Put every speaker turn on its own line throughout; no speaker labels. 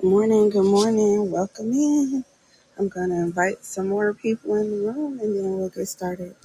Good morning, good morning. Welcome in. I'm going to invite some more people in the room and then we'll get started.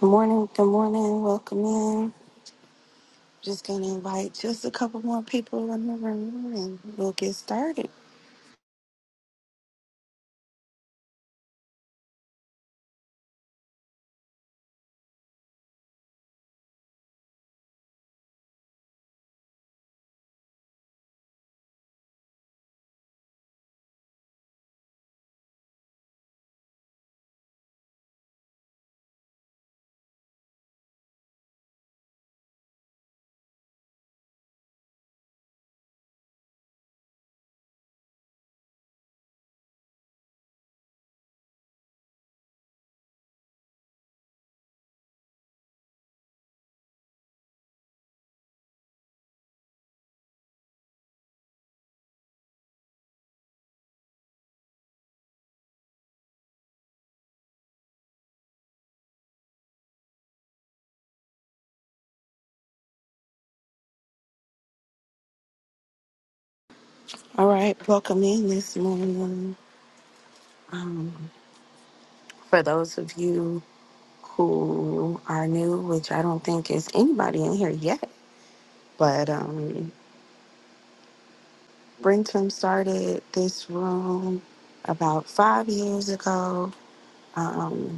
Good morning, good morning. Welcome in. Just going to invite just a couple more people in the room and we'll get started. All right, welcome in this morning. Um, for those of you who are new, which I don't think is anybody in here yet, but um, Brentum started this room about five years ago. Um,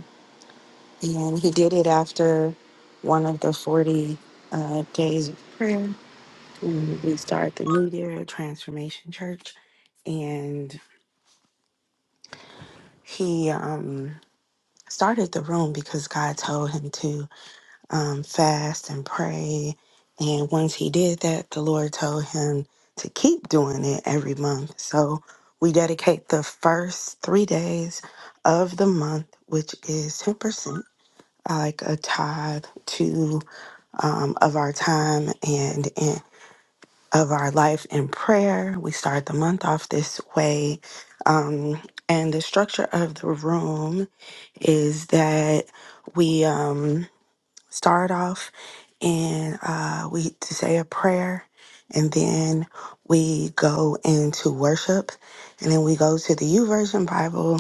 And he did it after one of the 40 uh, days of prayer. And we started the New Year Transformation Church. And he um, started the room because God told him to um, fast and pray. And once he did that, the Lord told him to keep doing it every month. So we dedicate the first three days of the month, which is 10%, like a tithe, to um, of our time and, and of our life in prayer. We start the month off this way. Um, and the structure of the room is that we. Um, start off and uh, we to say a prayer and then we go into worship and then we go to the u version bible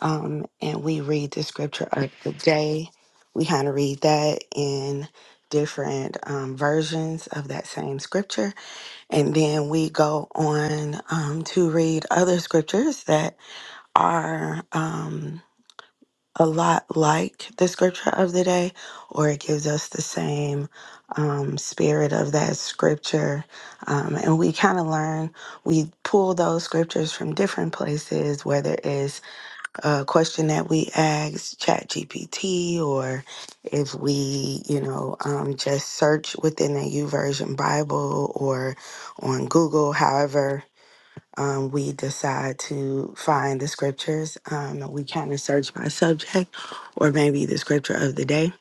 um, and we read the scripture of the day we kind of read that in different um, versions of that same scripture and then we go on um, to read other scriptures that are Um, a lot like the scripture of the day, or it gives us the same um, spirit of that scripture. Um, and we kind of learn, we pull those scriptures from different places, whether it's a question that we ask ChatGPT, or if we, you know, um, just search within the YouVersion Bible or on Google, however um, we decide to find the scriptures. Um, we kind of search by subject or maybe the scripture of the day.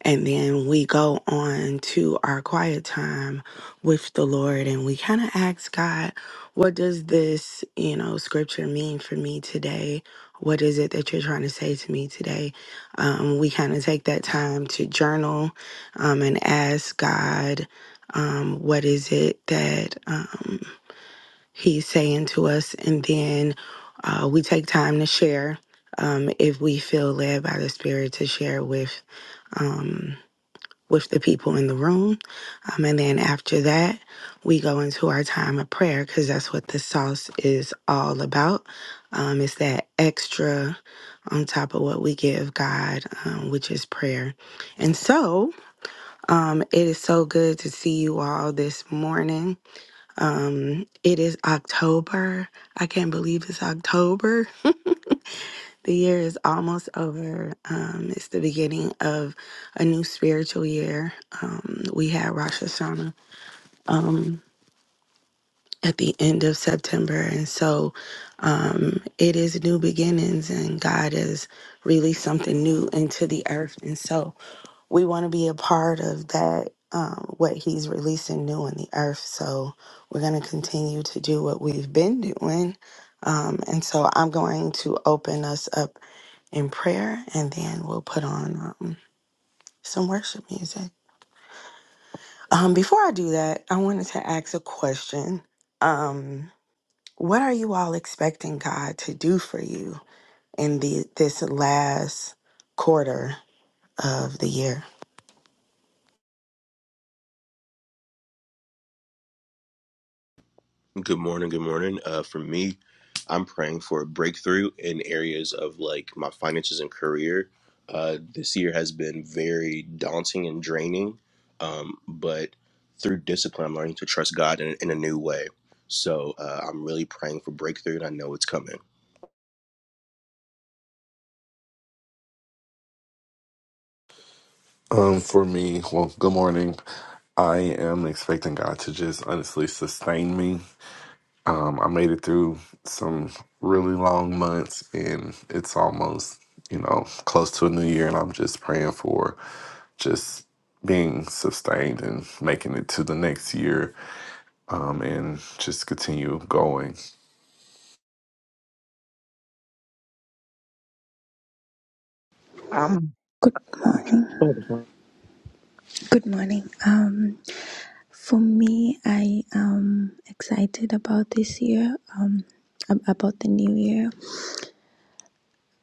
And then we go on to our quiet time with the Lord and we kind of ask God, what does this, you know, scripture mean for me today? What is it that you're trying to say to me today? Um, we kind of take that time to journal um, and ask God, um, what is it that. um, he's saying to us. And then uh, we take time to share um, if we feel led by the Spirit to share with um, with the people in the room. Um, and then after that, we go into our time of prayer because that's what the sauce is all about. Um, it's that extra on top of what we give God, um, which is prayer. And so um, it is so good to see you all this morning. Um, it is October. I can't believe it's October. The year is almost over. Um, it's the beginning of a new spiritual year. Um, we had Rosh Hashanah um, at the end of September. And so um, it is new beginnings, and God has released something new into the earth. And so we want to be a part of that um, what he's releasing new on the earth so we're going to continue to do what we've been doing um, and so i'm going to open us up in prayer and then we'll put on um, some worship music um, before i do that i wanted to ask a question um, what are you all expecting god to do for you in the this last quarter of the year
Good morning. Good morning. Uh, for me, I'm praying for a breakthrough in areas of like my finances and career. Uh, this year has been very daunting and draining, um, but through discipline, I'm learning to trust God in, in a new way. So uh, I'm really praying for breakthrough, and I know it's coming.
Um, for me, well, good morning. I am expecting God to just honestly sustain me. Um, I made it through some really long months, and it's almost, you know, close to a new year, and I'm just praying for just being sustained and making it to the next year, um, and just continue going.
Um,
Good morning.
for
Good morning. Um, for me, I am excited about this year. Um, ab- about the new year.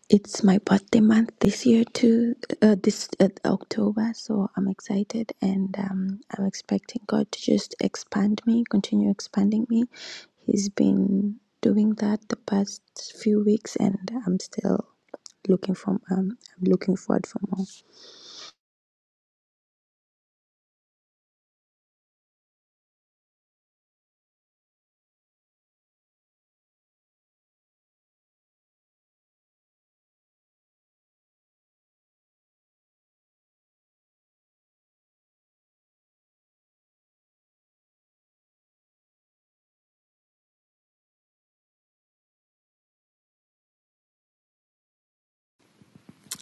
It's my birthday month this year too. Uh, this uh, October, so I'm excited, and um, I'm expecting God to just expand me, continue expanding me. He's been doing that the past few weeks, and I'm still looking for. Um, I'm looking forward for more.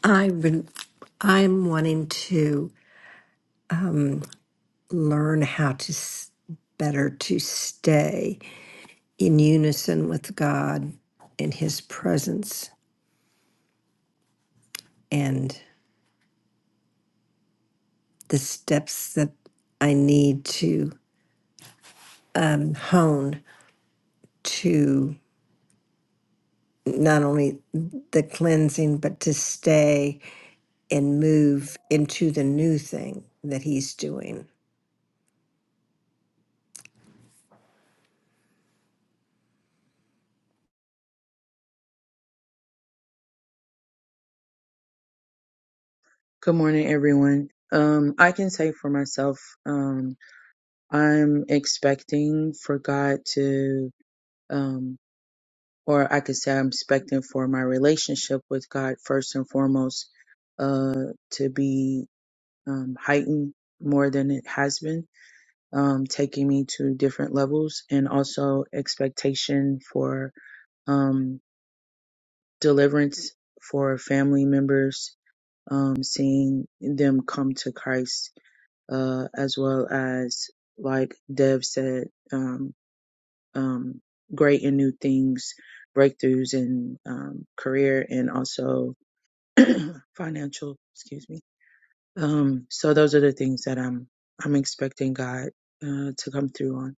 I've been, I'm wanting to learn how to s- better to stay in unison with God and His presence and the steps that I need to um, hone to not only the cleansing, but to stay and move into the new thing that he's doing.
Good morning, everyone. Um, I can say for myself, um, I'm expecting for God to, um, or I could say I'm expecting for my relationship with God first and foremost, uh, to be um, heightened more than it has been, um, taking me to different levels, and also expectation for um, deliverance for family members, um, seeing them come to Christ uh, as well as like Dev said, um, um, great and new things, breakthroughs in um, career and also financial. Excuse me. Um, so those are the things that I'm I'm expecting God uh, to come through on.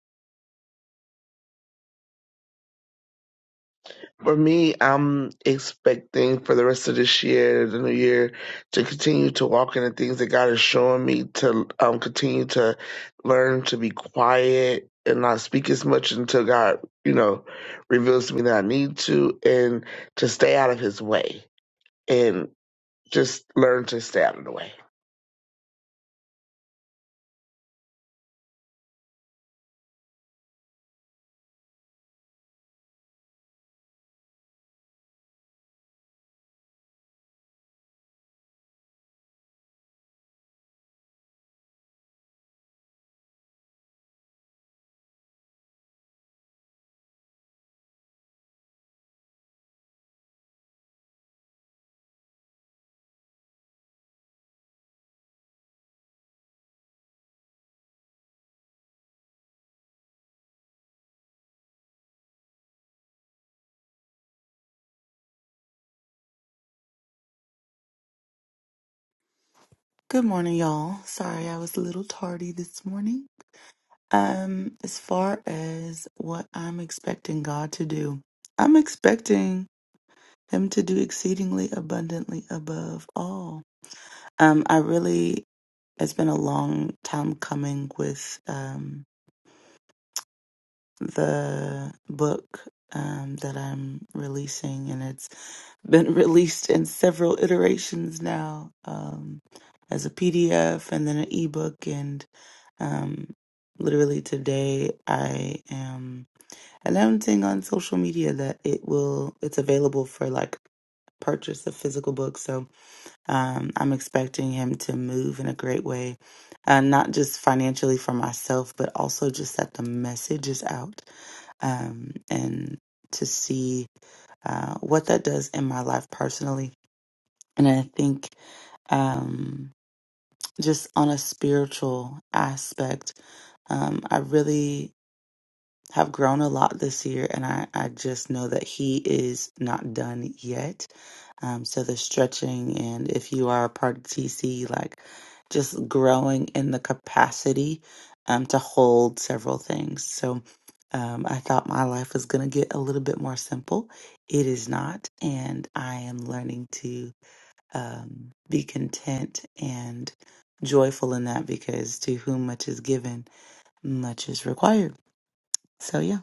me, I'm expecting for the rest of this year, the new year, to continue to walk in the things that God is showing me to um continue to learn to be quiet and not speak as much until God, you know, reveals to me that I need to, and to stay out of His way and just learn to stay out of the way.
Good morning, y'all. Sorry I was a little tardy this morning. Um, as far as what I'm expecting God to do, I'm expecting Him to do exceedingly abundantly above all. Um, I really, it's been a long time coming with um the book um that I'm releasing, and it's been released in several iterations now um, as a PDF and then an ebook. And um, literally today, I am announcing on social media that it will it's available for like purchase of physical books. So um, I'm expecting him to move in a great way, uh, not just financially for myself, but also just that the message is out um, and to see uh, what that does in my life personally. And I think um, just on a spiritual aspect, um, I really have grown a lot this year, and I, I just know that he is not done yet. Um, so the stretching, and if you are a part of TC, like just growing in the capacity um, to hold several things. So um, I thought my life was going to get a little bit more simple. It is not, and I am learning to um, be content and joyful in that because to whom much is given, much is required. So yeah.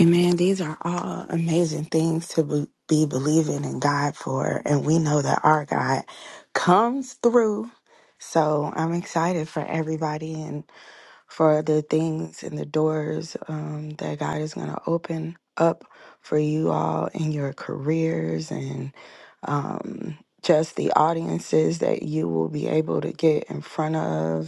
Amen. These are all amazing things to be be believing in God for. And we know that our God comes through. So I'm excited for everybody and for the things and the doors um, that God is going to open up for you all in your careers and um, just the audiences that you will be able to get in front of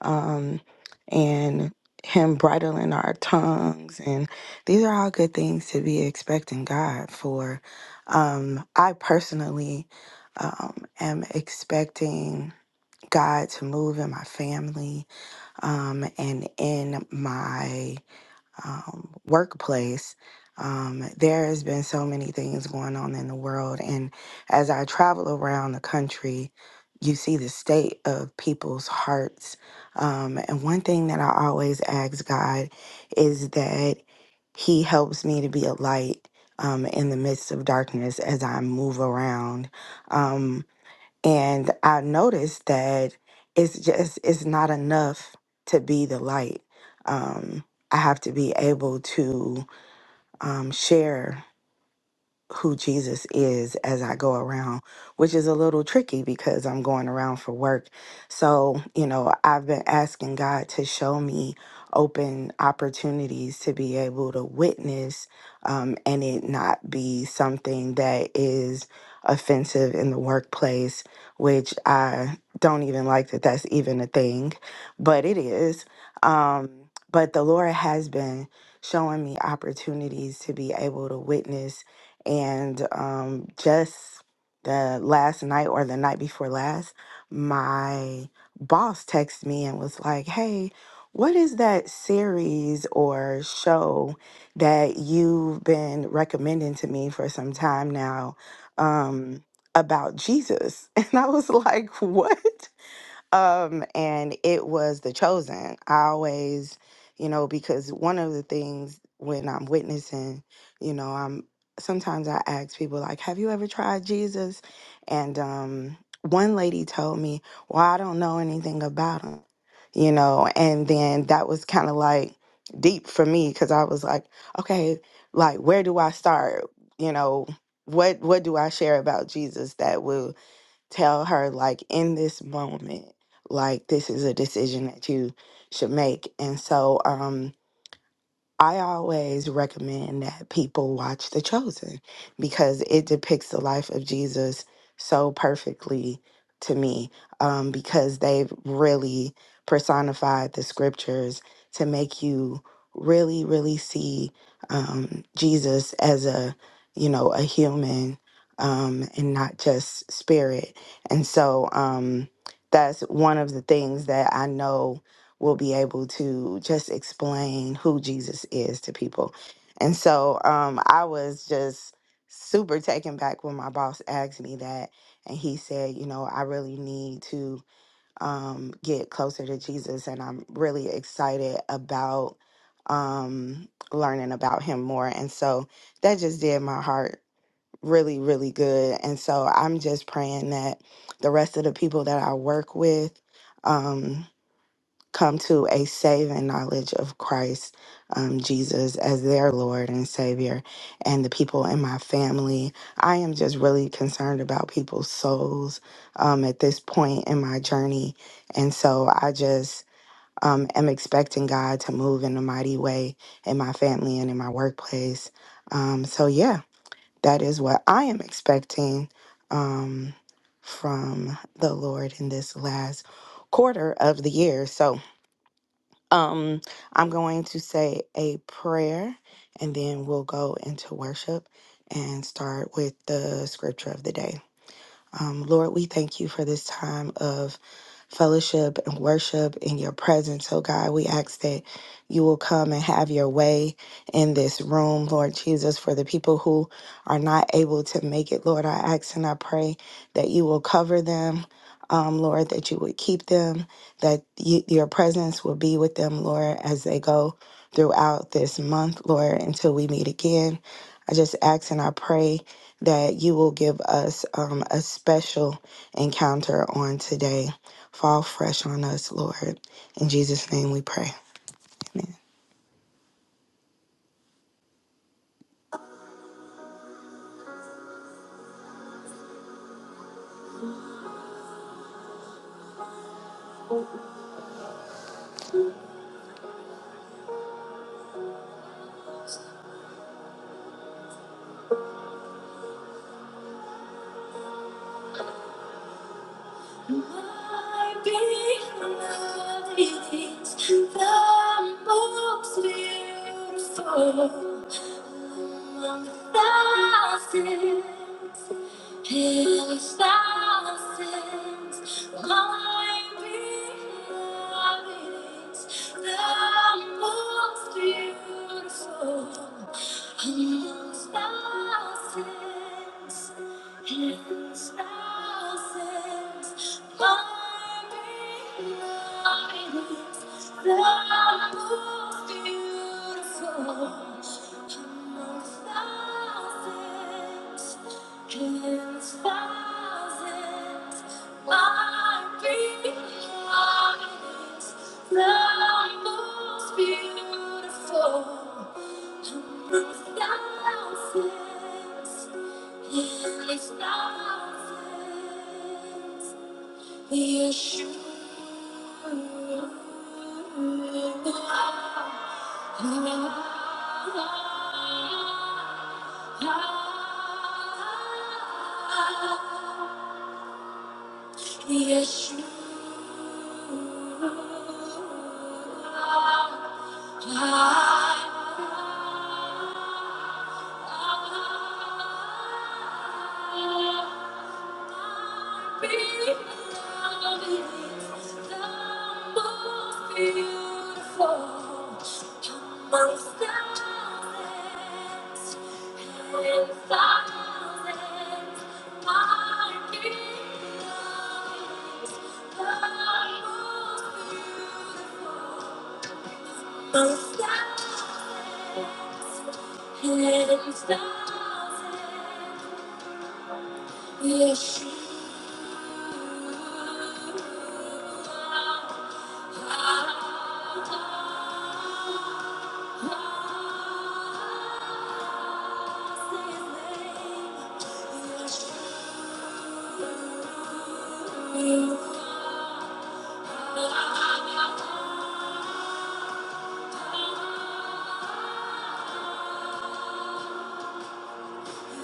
um, and Him bridling our tongues. And these are all good things to be expecting God for. Um, I personally um, am expecting God to move in my family um, and in my um, workplace. Um, there has been so many things going on in the world, and as I travel around the country, you see the state of people's hearts. Um, and one thing that I always ask God is that He helps me to be a light um, in the midst of darkness as I move around. Um, and I noticed that it's just it's not enough to be the light. Um, I have to be able to um, share who Jesus is as I go around, which is a little tricky because I'm going around for work. So, you know, I've been asking God to show me open opportunities to be able to witness um, and it not be something that is offensive in the workplace, which I don't even like that that's even a thing, but it is. Um, but the Lord has been showing me opportunities to be able to witness and um, just the last night or the night before last, my boss texted me and was like, hey, what is that series or show that you've been recommending to me for some time now um, about Jesus? And I was like, what? um, and it was The Chosen. I always, you know, because one of the things when I'm witnessing, you know, I'm sometimes I ask people like, "Have you ever tried Jesus?" And um, one lady told me, "Well, I don't know anything about him," you know, and then that was kind of like deep for me because I was like, "Okay, like where do I start?" You know, what what do I share about Jesus that will tell her like in this moment like this is a decision that you should make and so um I always recommend that people watch The Chosen because it depicts the life of Jesus so perfectly to me um, because they've really personified the scriptures to make you really, really see um, Jesus as a, you know, a human um, and not just spirit. And so um, that's one of the things that I know will be able to just explain who Jesus is to people. And so um, I was just super taken back when my boss asked me that. And he said, You know, I really need to um, get closer to Jesus. And I'm really excited about um, learning about him more. And so that just did my heart really, really good. And so I'm just praying that the rest of the people that I work with, um, come to a saving knowledge of Christ um, Jesus as their Lord and Savior, and the people in my family. I am just really concerned about people's souls um, at this point in my journey. And so I just um, am expecting God to move in a mighty way in my family and in my workplace. Um, so, yeah, that is what I am expecting um, from the Lord in this last quarter of the year. So, um, I'm going to say a prayer and then we'll go into worship and start with the scripture of the day. Um, Lord, we thank you for this time of fellowship and worship in your presence. Oh God, we ask that you will come and have your way in this room, Lord Jesus, for the people who are not able to make it. Lord, I ask and I pray that you will cover them. Um, Lord, that you would keep them, that you, your presence will be with them, Lord, as they go throughout this month, Lord, until we meet again. I just ask and I pray that you will give us um, a special encounter on today. Fall fresh on us, Lord. In Jesus' name we pray. Amongst thousands, My beloved is the most Beautiful amongst thousands. Thousands, thousands, my beloved the most beautiful among thousands. in thousands, Yeshua. ah, ah, ah. Yes, you are. Thousands and thousands Yes.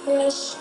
Yes.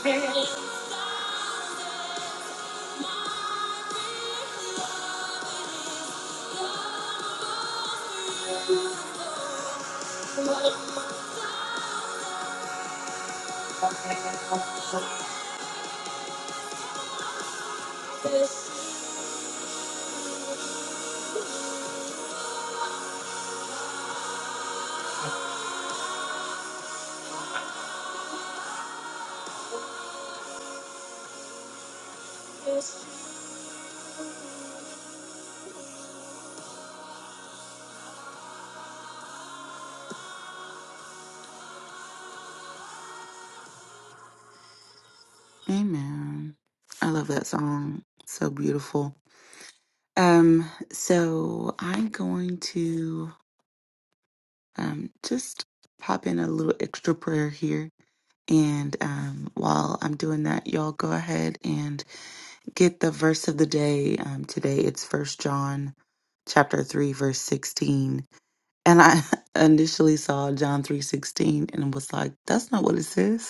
Thank you.
Amen. I love that song. So beautiful. Um, so I'm going to um just pop in a little extra prayer here. And um while I'm doing that, y'all go ahead and get the verse of the day. Um today it's first John chapter 3 verse 16 and i initially saw john 3 16 and was like that's not what it says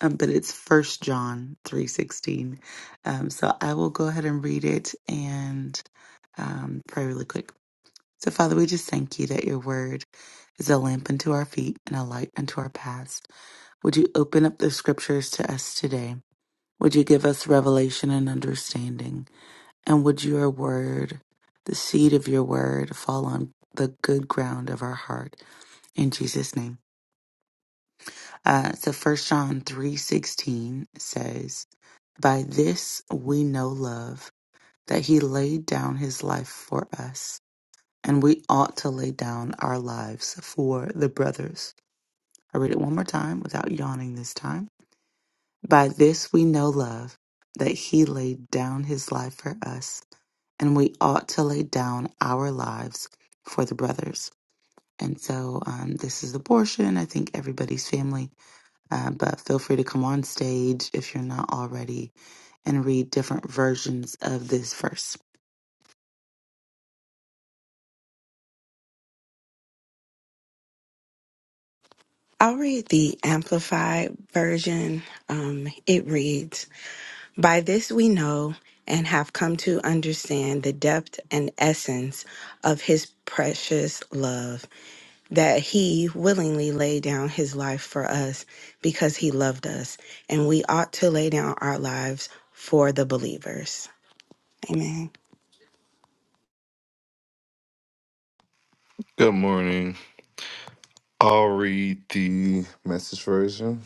um, but it's First John three sixteen. Um, so I will go ahead and read it and um, pray really quick. So Father, we just thank you that your word is a lamp unto our feet and a light unto our paths. Would you open up the scriptures to us today? Would you give us revelation and understanding? And would your word, the seed of your word, fall on the good ground of our heart? In Jesus' name. Uh, so First John three sixteen says, "By this we know love, that He laid down His life for us, and we ought to lay down our lives for the brothers." I read it one more time without yawning this time. By this we know love, that He laid down His life for us, and we ought to lay down our lives for the brothers. And so um, this is the portion I think everybody's family uh, but feel free to come on stage if you're not already and read different versions of this verse.
I'll read the Amplified version. Um, it reads By this we know and have come to understand the depth and essence of his precious love, that he willingly laid down his life for us because he loved us, and we ought to lay down our lives for the believers. Amen.
Good morning. I'll read the message version.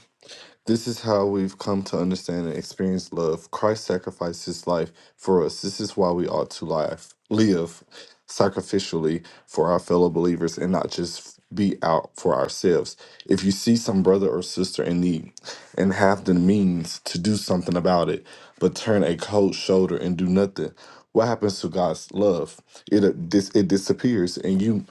This is how we've come to understand and experience love. Christ sacrificed his life for us. This is why we ought to live, live sacrificially for our fellow believers and not just be out for ourselves. If you see some brother or sister in need and have the means to do something about it, but turn a cold shoulder and do nothing, what happens to God's love? It uh, dis- it disappears and you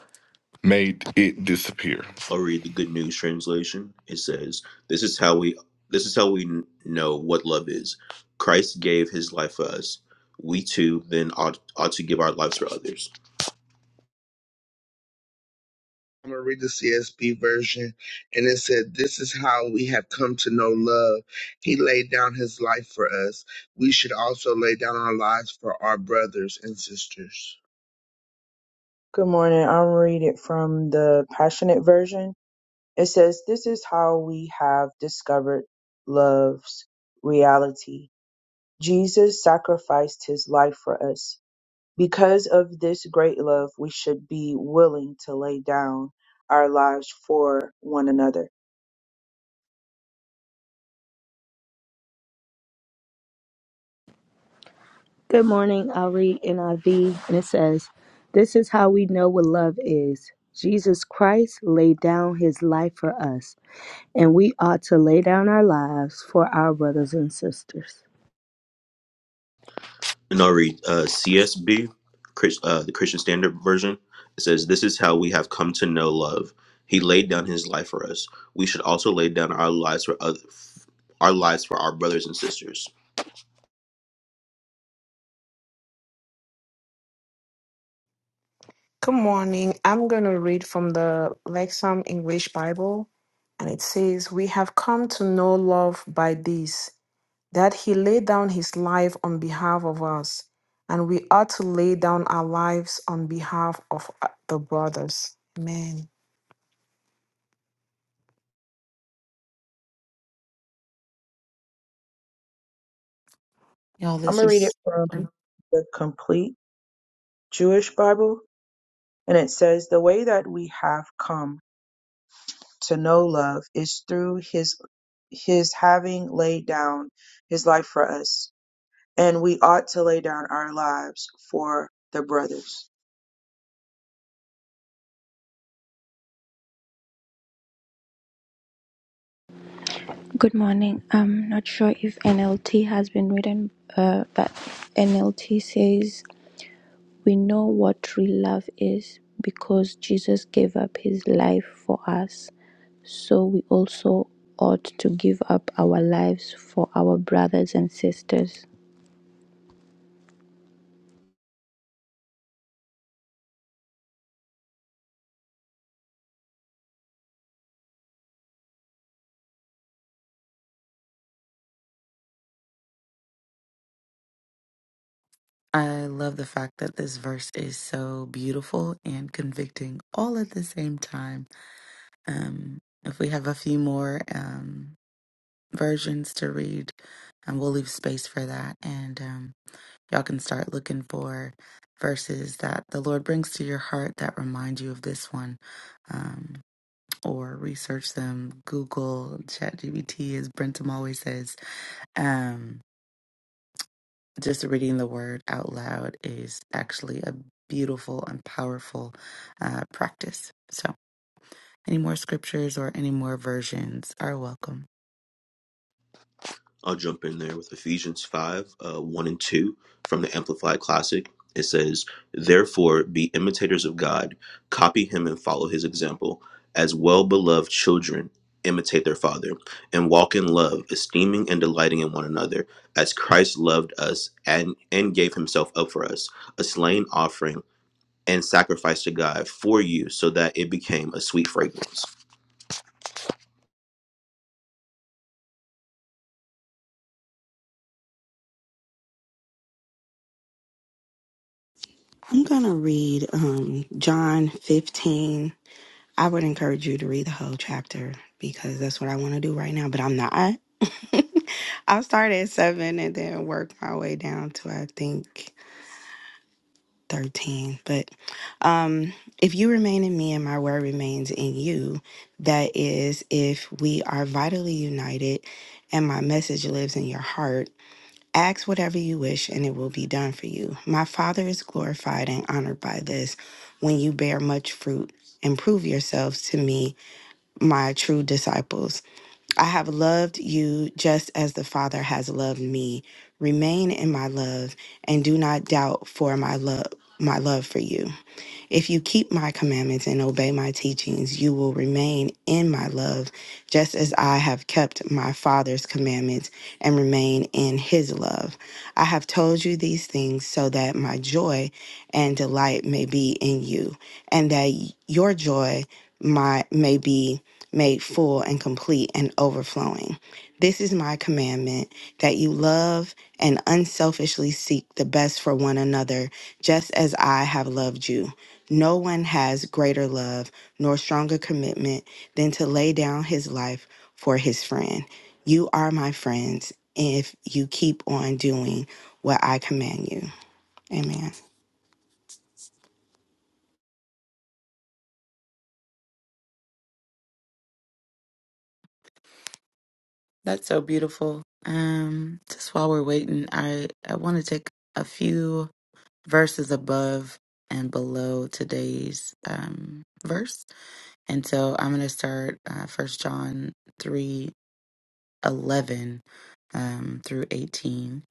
made it disappear.
I'll read the Good News translation. It says, "This is how we this is how we kn- know what love is. Christ gave his life for us. We too then ought, ought to give our lives for others."
I'm gonna read the CSB version, and it said, "This is how we have come to know love. He laid down His life for us. We should also lay down our lives for our brothers and sisters."
Good morning. I'll read it from the Passionate Version. It says, "This is how we have discovered love's reality. Jesus sacrificed his life for us." Because of this great love, we should be willing to lay down our lives for one another.
Good morning. I'll read NIV, and it says, This is how we know what love is. Jesus Christ laid down his life for us, and we ought to lay down our lives for our brothers and sisters.
and I'll read uh, CSB, Chris- uh, the Christian Standard Version. It says, This is how we have come to know love. He laid down his life for us. We should also lay down our lives for other, our lives for our brothers and sisters.
Good morning. I'm going to read from the Lexham English Bible, and it says, We have come to know love by this, that he laid down his life on behalf of us, and we ought to lay down our lives on behalf of uh, the brothers. Amen.
Y'all,
I'm
this
going to read it
is,
from the complete Jewish Bible. And it says, The way that we have come to know love is through his, his having laid down his life for us. And we ought to lay down our lives for the brothers.
Good morning. I'm not sure if NLT has been written, uh, but NLT says, We know what true love is because Jesus gave up his life for us. So we also ought to give up our lives for our brothers and sisters.
I love the fact that this verse is so beautiful and convicting all at the same time. Um, if we have a few more um, versions to read, and we'll leave space for that. And um, y'all can start looking for verses that the Lord brings to your heart that remind you of this one. Um, or research them. Google, ChatGPT, as Brentum always says. Um, just reading the word out loud is actually a beautiful and powerful uh, practice. So, any more scriptures or any more versions are welcome.
I'll jump in there with Ephesians 5 uh, 1 and 2 from the Amplified Classic. It says, Therefore, be imitators of God, copy him and follow his example. As well beloved children, imitate their father, and walk in love, esteeming and delighting in one another, as Christ loved us and, and gave himself up for us, a slain offering and sacrifice to God for you, so that it became a sweet fragrance.
I'm going to read um, John 15. I would encourage you to read the whole chapter because that's what I want to do right now, but I'm not. I'll start at 7 and then work my way down to, I think, 13. But um, if you remain in me and my word remains in you, that is, if we are vitally united and my message lives in your heart Ask whatever you wish, and it will be done for you. My Father is glorified and honored by this when you bear much fruit and prove yourselves to me, my true disciples. I have loved you just as the Father has loved me. Remain in my love and do not doubt for my love my love for you. If you keep my commandments and obey my teachings, you will remain in my love, just as I have kept my Father's commandments and remain in his love. I have told you these things so that my joy and delight may be in you, and that your joy my, may be made full and complete and overflowing. This is my commandment that you love and unselfishly seek the best for one another, just as I have loved you. No one has greater love nor stronger commitment than to lay down his life for his friend. You are my friends if you keep on doing what I command you. Amen.
That's so beautiful. Um, just while we're waiting, I, I want to take a few verses above and below today's um, verse. And so I'm going to start uh, 1 John 3 11 um, through 18.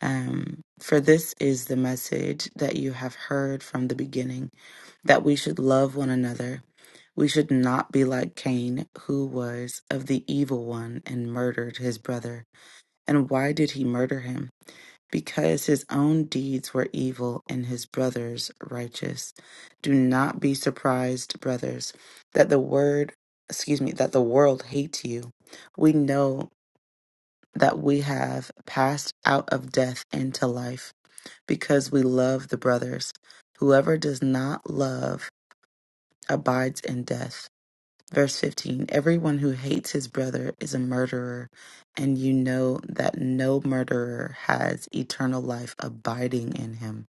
Um, For this is the message that you have heard from the beginning that we should love one another. We should not be like Cain, who was of the evil one and murdered his brother. And why did he murder him? because his own deeds were evil and his brothers righteous. Do not be surprised, brothers, that the word excuse me, that the world hates you. We know that we have passed out of death into life because we love the brothers. Whoever does not love abides in death. Verse 15 Everyone who hates his brother is a murderer, and you know that no murderer has eternal life abiding in him.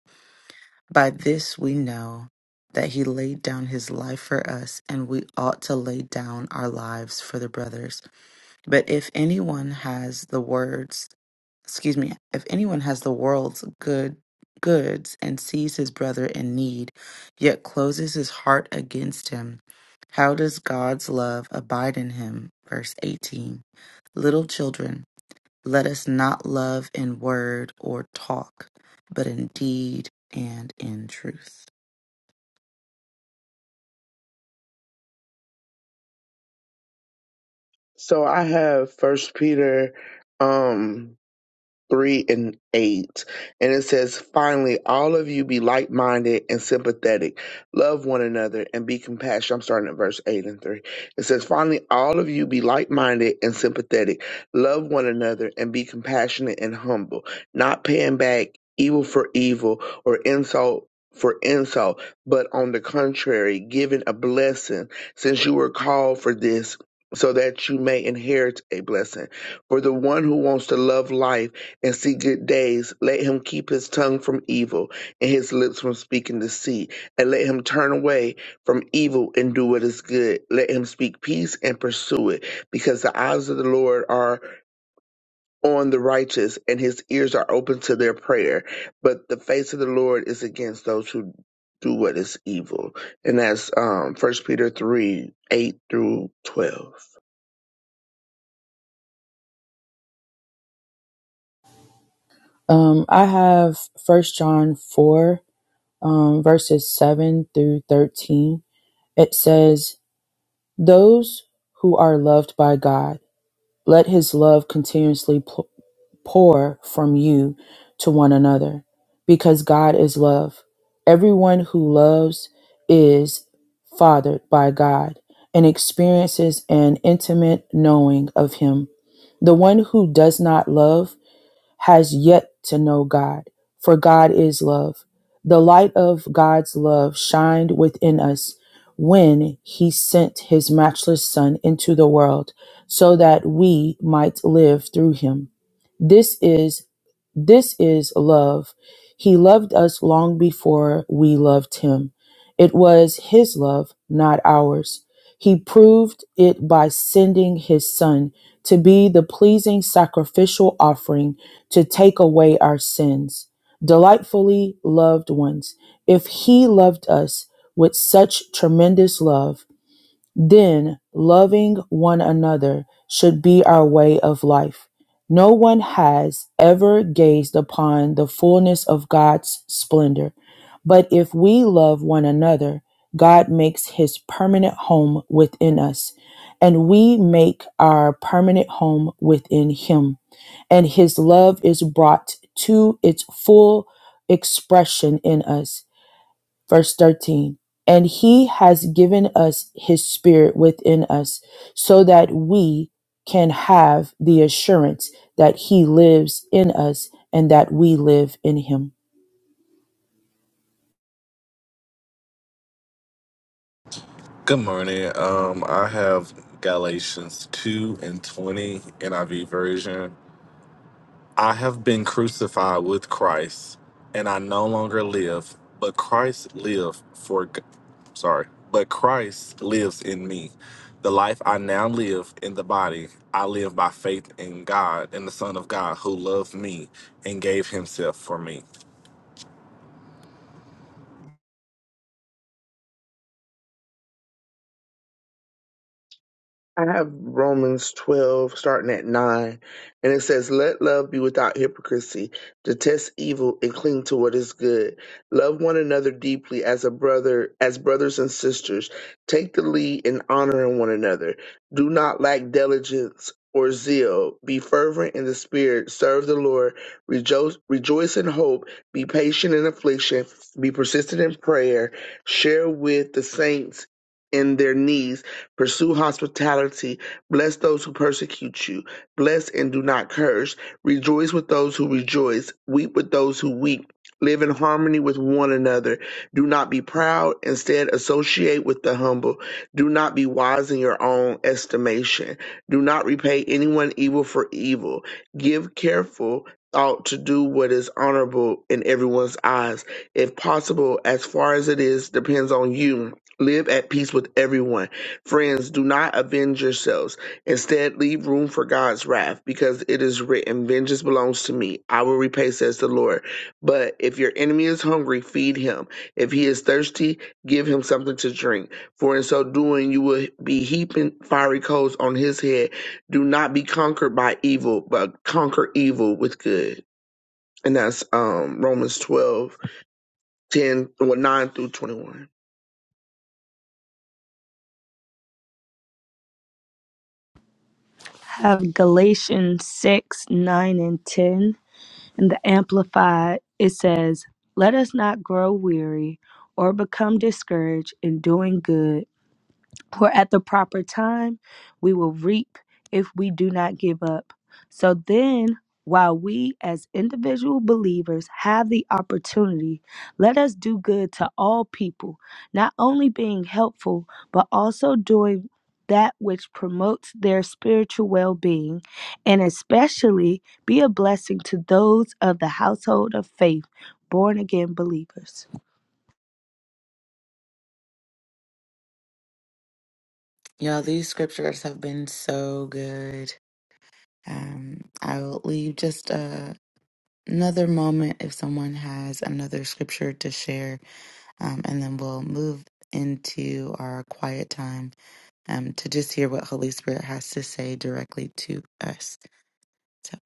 By this we know that he laid down his life for us, and we ought to lay down our lives for the brothers. But if anyone has the words, excuse me, if anyone has the world's good goods and sees his brother in need, yet closes his heart against him, how does God's love abide in him? Verse 18. Little children, let us not love in word or talk, but in deed and in truth.
So I have First Peter, um, 3 and 8. And it says, finally, all of you be like minded and sympathetic. Love one another and be compassionate. I'm starting at verse 8 and 3. It says, finally, all of you be like minded and sympathetic. Love one another and be compassionate and humble, not paying back evil for evil or insult. For insult, but on the contrary, giving a blessing, since you were called for this, so that you may inherit a blessing. For the one who wants to love life and see good days. Let him keep his tongue from evil and his lips from speaking deceit. And let him turn away from evil and do what is good. Let him speak peace and pursue it, because the eyes of the Lord are on the righteous and his ears are open to their prayer. But the face of the Lord is against those who do what is evil. And that's um first Peter three, eight through twelve.
Um, I have First John 4, um, verses 7 through 13. It says, Those who are loved by God, let his love continuously pour from you to one another, because God is love. Everyone who loves is fathered by God and experiences an intimate knowing of him. The one who does not love has yet to know God, for God is love. The light of God's love shined within us when he sent his matchless Son into the world so that we might live through him. This is this is love. He loved us long before we loved him. It was his love, not ours. He proved it by sending his son to be the pleasing sacrificial offering to take away our sins. Delightfully loved ones, if He loved us with such tremendous love, then loving one another should be our way of life. No one has ever gazed upon the fullness of God's splendor, but if we love one another, God makes His permanent home within us, and we make our permanent home within Him and his love is brought to its full expression in us. Verse 13. And he has given us his spirit within us so that we can have the assurance that he lives in us and that we live in him.
Good morning. Um, I have Galatians 2 and 20 NIV version. I have been crucified with Christ, and I no longer live, but Christ live for g- sorry, but Christ lives in me. The life I now live in the body, I live by faith in God and the Son of God who loved me and gave himself for me.
I have Romans 12, starting at 9, and it says, Let love be without hypocrisy. Detest evil and cling to what is good. Love one another deeply as a brother, as brothers and sisters. Take the lead in honoring one another. Do not lack diligence or zeal. Be fervent in the spirit. Serve the Lord. Rejoice, rejoice in hope. Be patient in affliction. Be persistent in prayer. Share with the saints in their needs Pursue hospitality. Bless those who persecute you. Bless and do not curse. Rejoice with those who rejoice. Weep with those who weep. Live in harmony with one another. Do not be proud. Instead, associate with the humble. Do not be wise in your own estimation. Do not repay anyone evil for evil. Give careful thought to do what is honorable in everyone's eyes. If possible, as far as it is depends on you, live at peace with everyone. Friends, do not avenge yourselves. Instead, leave room for God's wrath, because it is written, Vengeance belongs to me. I will repay, says the Lord. But if your enemy is hungry, feed him. If he is thirsty, give him something to drink. For in so doing, you will be heaping fiery coals on his head. Do not be conquered by evil, but conquer evil with good. And that's um Romans twelve ten 10, well, 9 through 21.
Have Galatians 6 9 and 10. In the Amplified, it says, Let us not grow weary or become discouraged in doing good, For at the proper time we will reap if we do not give up. So then, while we as individual believers have the opportunity, let us do good to all people, not only being helpful, but also doing that which promotes their spiritual well being, and especially be a blessing to those of the household of faith, born again believers.
Y'all, these scriptures have been so good. Um, I will leave just uh another moment if someone has another scripture to share, um, and then we'll move into our quiet time um, to just hear what Holy Spirit has to say directly to us. So,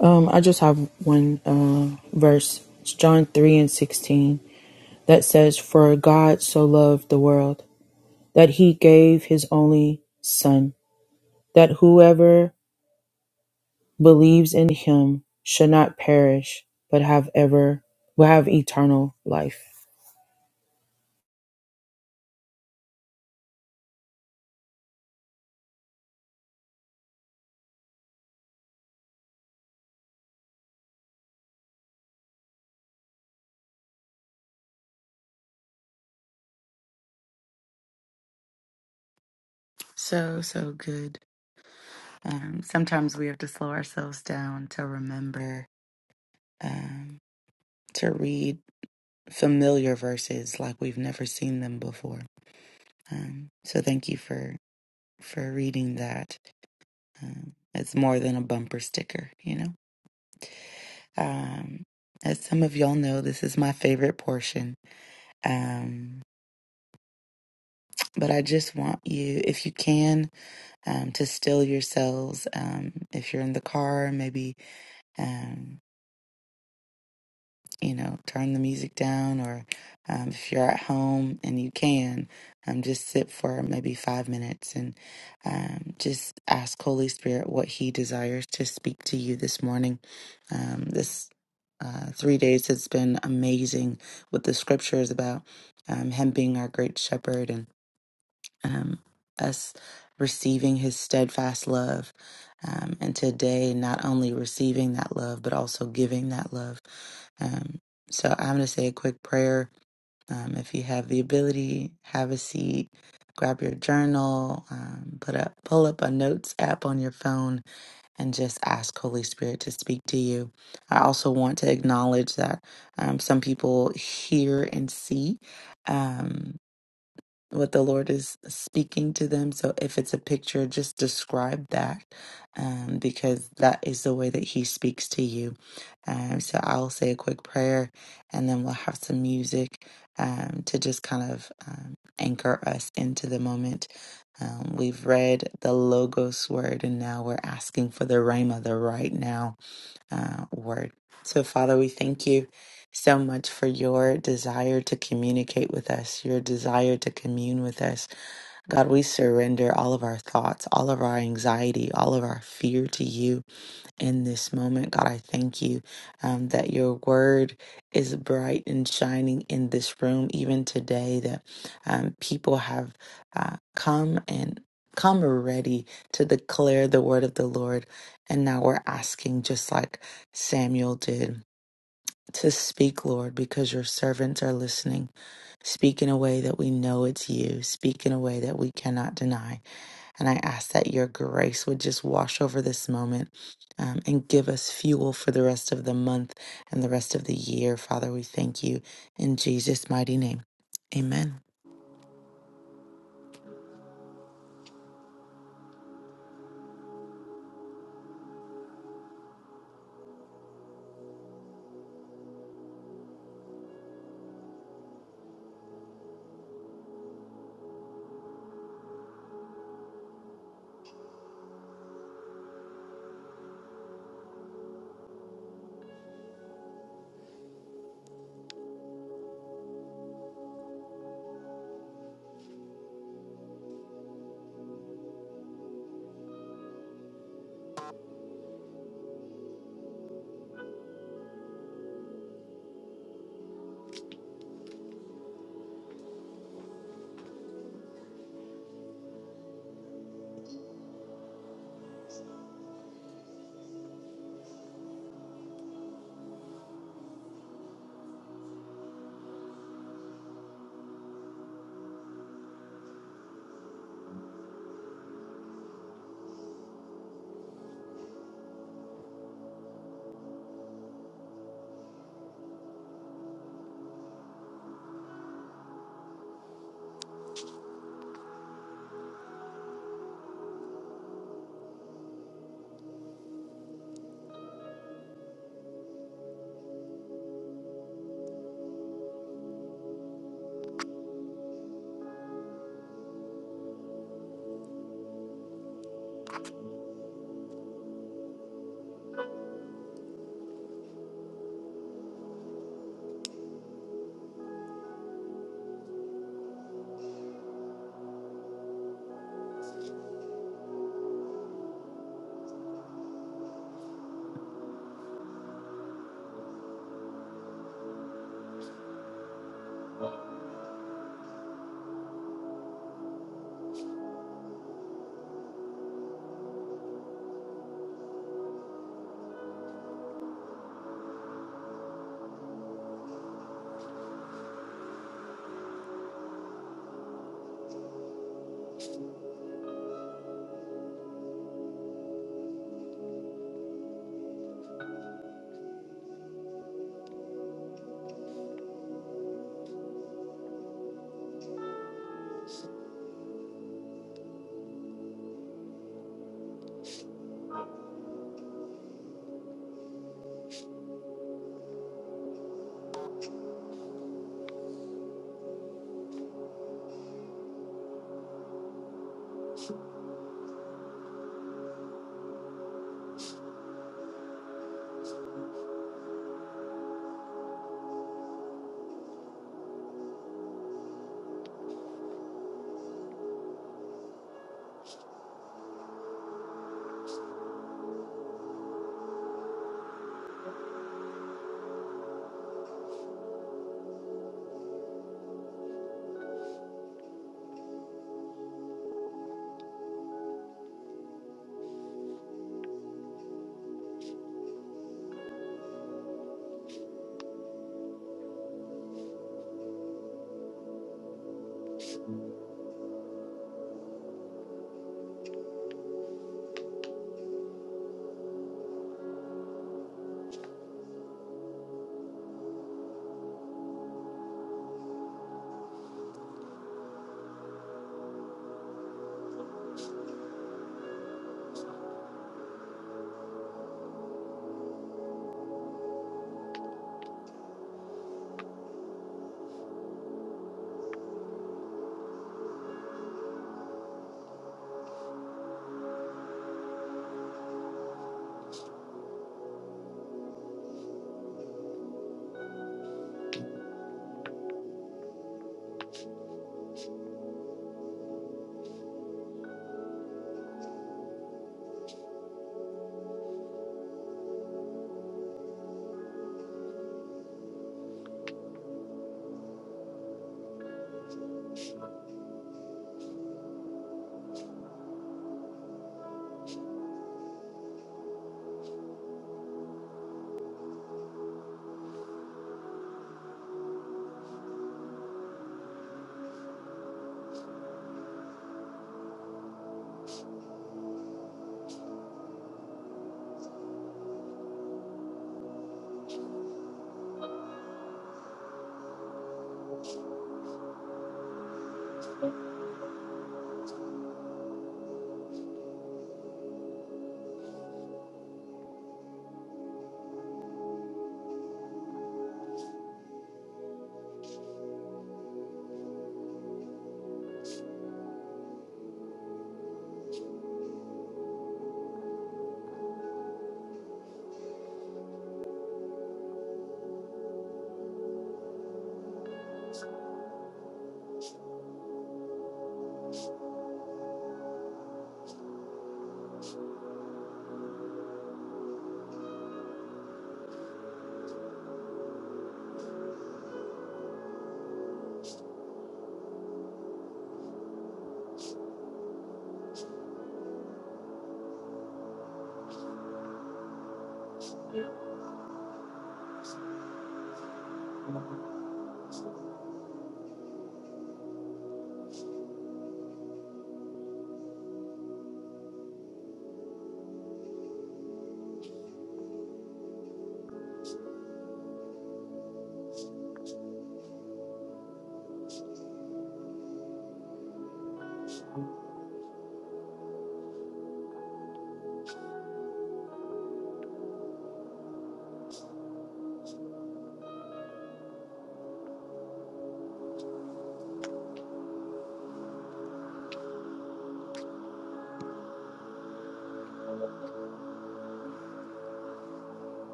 Um, I just have one uh, verse, it's John 3 and 16, that says, For God so loved the world that he gave his only son, that whoever believes in him should not perish but have ever will have eternal life
so, so good. Um, sometimes we have to slow ourselves down to remember um, to read familiar verses like we've never seen them before. Um, so, thank you for for reading that. Um, it's more than a bumper sticker, you know. Um, as some of y'all know, this is my favorite portion. Um, but I just want you, if you can, um, to still yourselves. Um, if you're in the car, maybe. Um, you know, turn the music down, or um, if you're at home and you can, um, just sit for maybe five minutes and um, just ask Holy Spirit what He desires to speak to you this morning. Um, this uh, three days has been amazing with the scriptures about um, Him being our great shepherd and um, us receiving his steadfast love. Um, and today, not only receiving that love, but also giving that love. Um, so I'm going to say a quick prayer. Um, if you have the ability, have a seat, grab your journal, um, put up, pull up a notes app on your phone, and just ask Holy Spirit to speak to you. I also want to acknowledge that um, some people hear and see. um, what the Lord is speaking to them. So if it's a picture, just describe that um, because that is the way that He speaks to you. Um, so I'll say a quick prayer and then we'll have some music um, to just kind of um, anchor us into the moment. Um, we've read the Logos word and now we're asking for the Rhema, the right now uh, word. So, Father, we thank you so much for your desire to communicate with us, your desire to commune with us. God, we surrender all of our thoughts, all of our anxiety, all of our fear to you in this moment. God, I thank you um, that your word is bright and shining in this room, even today, that um, people have uh, come and come ready to declare the word of the Lord. And now we're asking, just like Samuel did, to speak, Lord, because your servants are listening. Speak in a way that we know it's you. Speak in a way that we cannot deny. And I ask that your grace would just wash over this moment um, and give us fuel for the rest of the month and the rest of the year. Father, we thank you in Jesus' mighty name. Amen.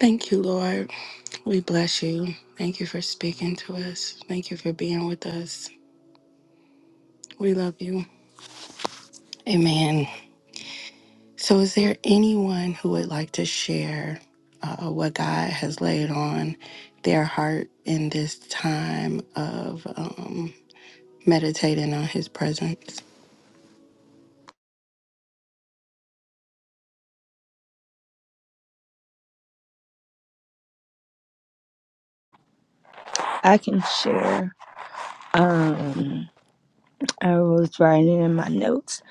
Thank you, Lord. We bless you. Thank you for speaking to us. Thank you for being with us. We love you. Amen. So, is there anyone who would like to share uh, what God has laid on their heart in this time of? um, meditating on his presence.
I can share. Um, I was writing in my notes,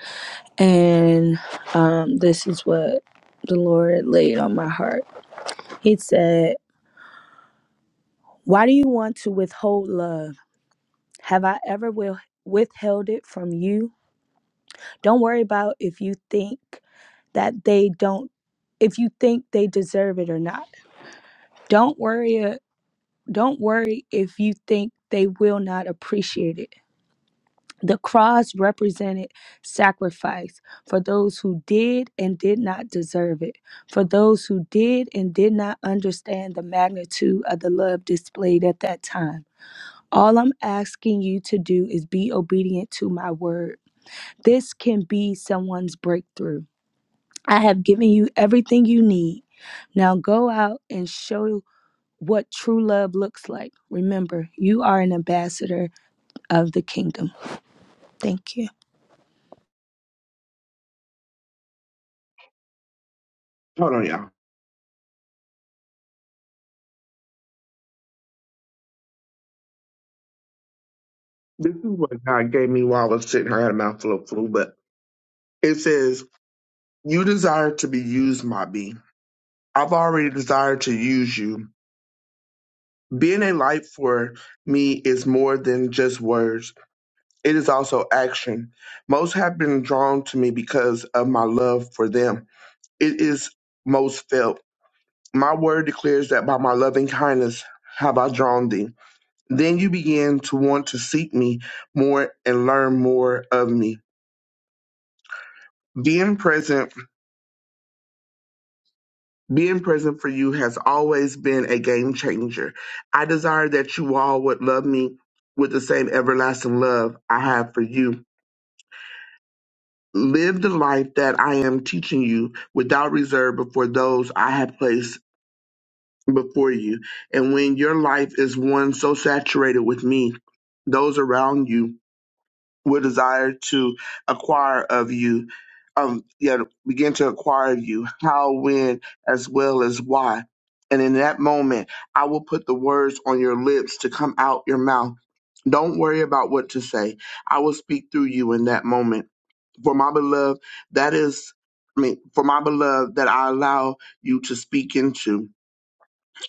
and um, this is what the Lord laid on my heart. He said, Why do you want to withhold love? Have I ever will- withheld it from you? Don't worry about if you think that they don't, if you think they deserve it or not. Don't worry, uh, don't worry if you think they will not appreciate it. The cross represented sacrifice for those who did and did not deserve it, for those who did and did not understand the magnitude of the love displayed at that time. All I'm asking you to do is be obedient to my word. This can be someone's breakthrough. I have given you everything you need. Now go out and show what true love looks like. Remember, you are an ambassador of the kingdom. Thank you.
Hold on, y'all. This is what God gave me while I was sitting here. I had a mouthful of flu, but it says, You desire to be used, my bee. I've already desired to use you. Being a light for me is more than just words, it is also action. Most have been drawn to me because of my love for them. It is most felt. My word declares that by my loving kindness have I drawn thee. Then you begin to want to seek me more and learn more of me. Being present Being present for you has always been a game changer. I desire that you all would love me with the same everlasting love I have for you. Live the life that I am teaching you without reserve before those I have placed before you. And when your life is one so saturated with me, those around you Will desire to acquire of you, um, yeah, begin to acquire of you, how, when, as well as why. And in that moment, I will put the words on your lips to come out your mouth. Don't worry about what to say. I will speak through you in that moment. For my beloved, that is, I mean, for my beloved, that I allow you to speak into.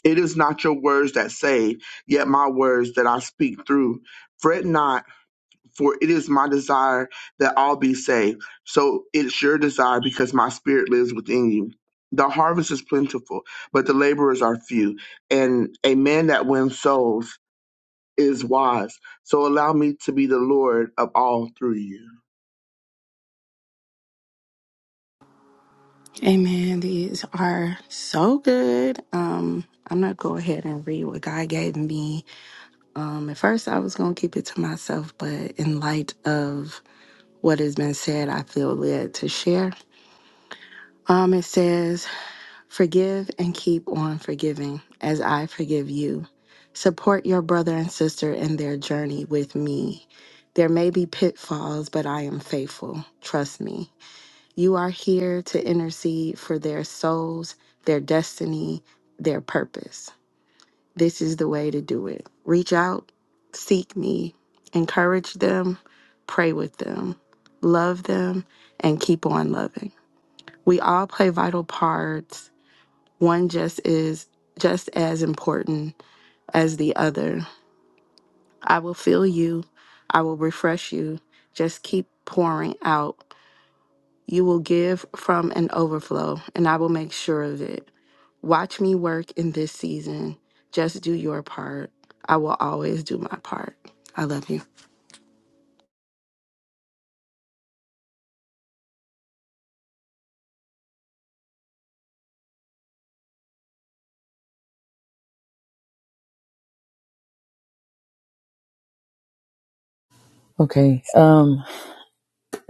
It is not your words that save, yet my words that I speak through. Fret not for it is my desire that all be saved. So it's your desire because my spirit lives within you. The harvest is plentiful, but the laborers are few. And a man that wins souls is wise. So allow me to be the Lord of all through you.
Amen. These are so good. Um, I'm gonna go ahead and read what God gave me. Um, at first I was gonna keep it to myself, but in light of what has been said, I feel led to share. Um, it says, forgive and keep on forgiving as I forgive you. Support your brother and sister in their journey with me. There may be pitfalls, but I am faithful. Trust me. You are here to intercede for their souls, their destiny, their purpose. This is the way to do it. Reach out, seek me, encourage them, pray with them, love them, and keep on loving. We all play vital parts. One just is just as important as the other. I will fill you, I will refresh you. Just keep pouring out You will give from an overflow, and I will make sure of it. Watch me work in this season. Just do your part. I will always do my part. I love you.
okay um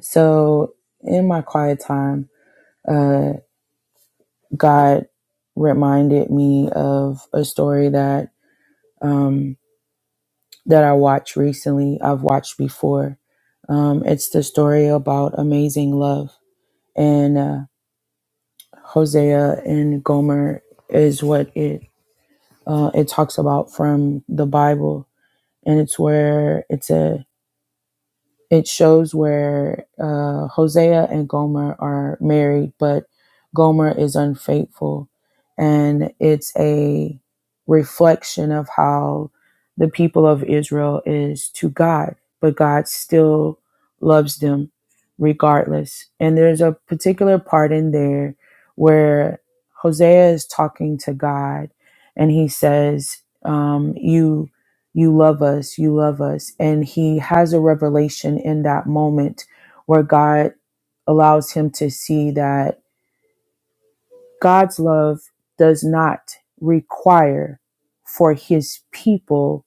so in my quiet time uh god reminded me of a story that um that i watched recently i've watched before um it's the story about amazing love and uh, hosea and gomer is what it uh, it talks about from the bible and it's where it's a it shows where uh, Hosea and Gomer are married, but Gomer is unfaithful, and it's a reflection of how the people of Israel is to God, but God still loves them regardless. And there's a particular part in there where Hosea is talking to God, and he says, um, "You." you love us, you love us. And he has a revelation in that moment where God allows him to see that God's love does not require for his people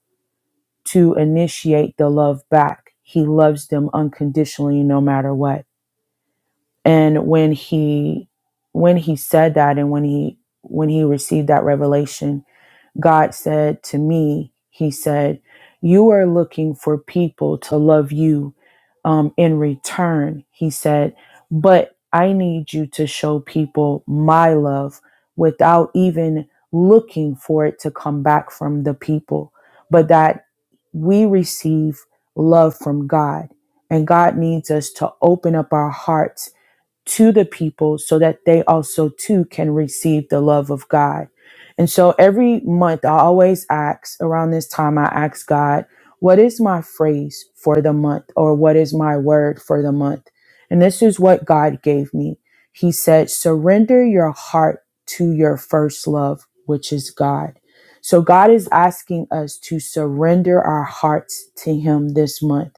to initiate the love back. He loves them unconditionally no matter what. And when he when he said that and when he when he received that revelation, God said to me, He said, You are looking for people to love you um, in return. He said, But I need you to show people my love without even looking for it to come back from the people, but that we receive love from God. And God needs us to open up our hearts to the people so that they also too can receive the love of God. And so every month I always ask around this time I ask God, what is my phrase for the month or what is my word for the month? And this is what God gave me. He said, surrender your heart to your first love, which is God. So God is asking us to surrender our hearts to him this month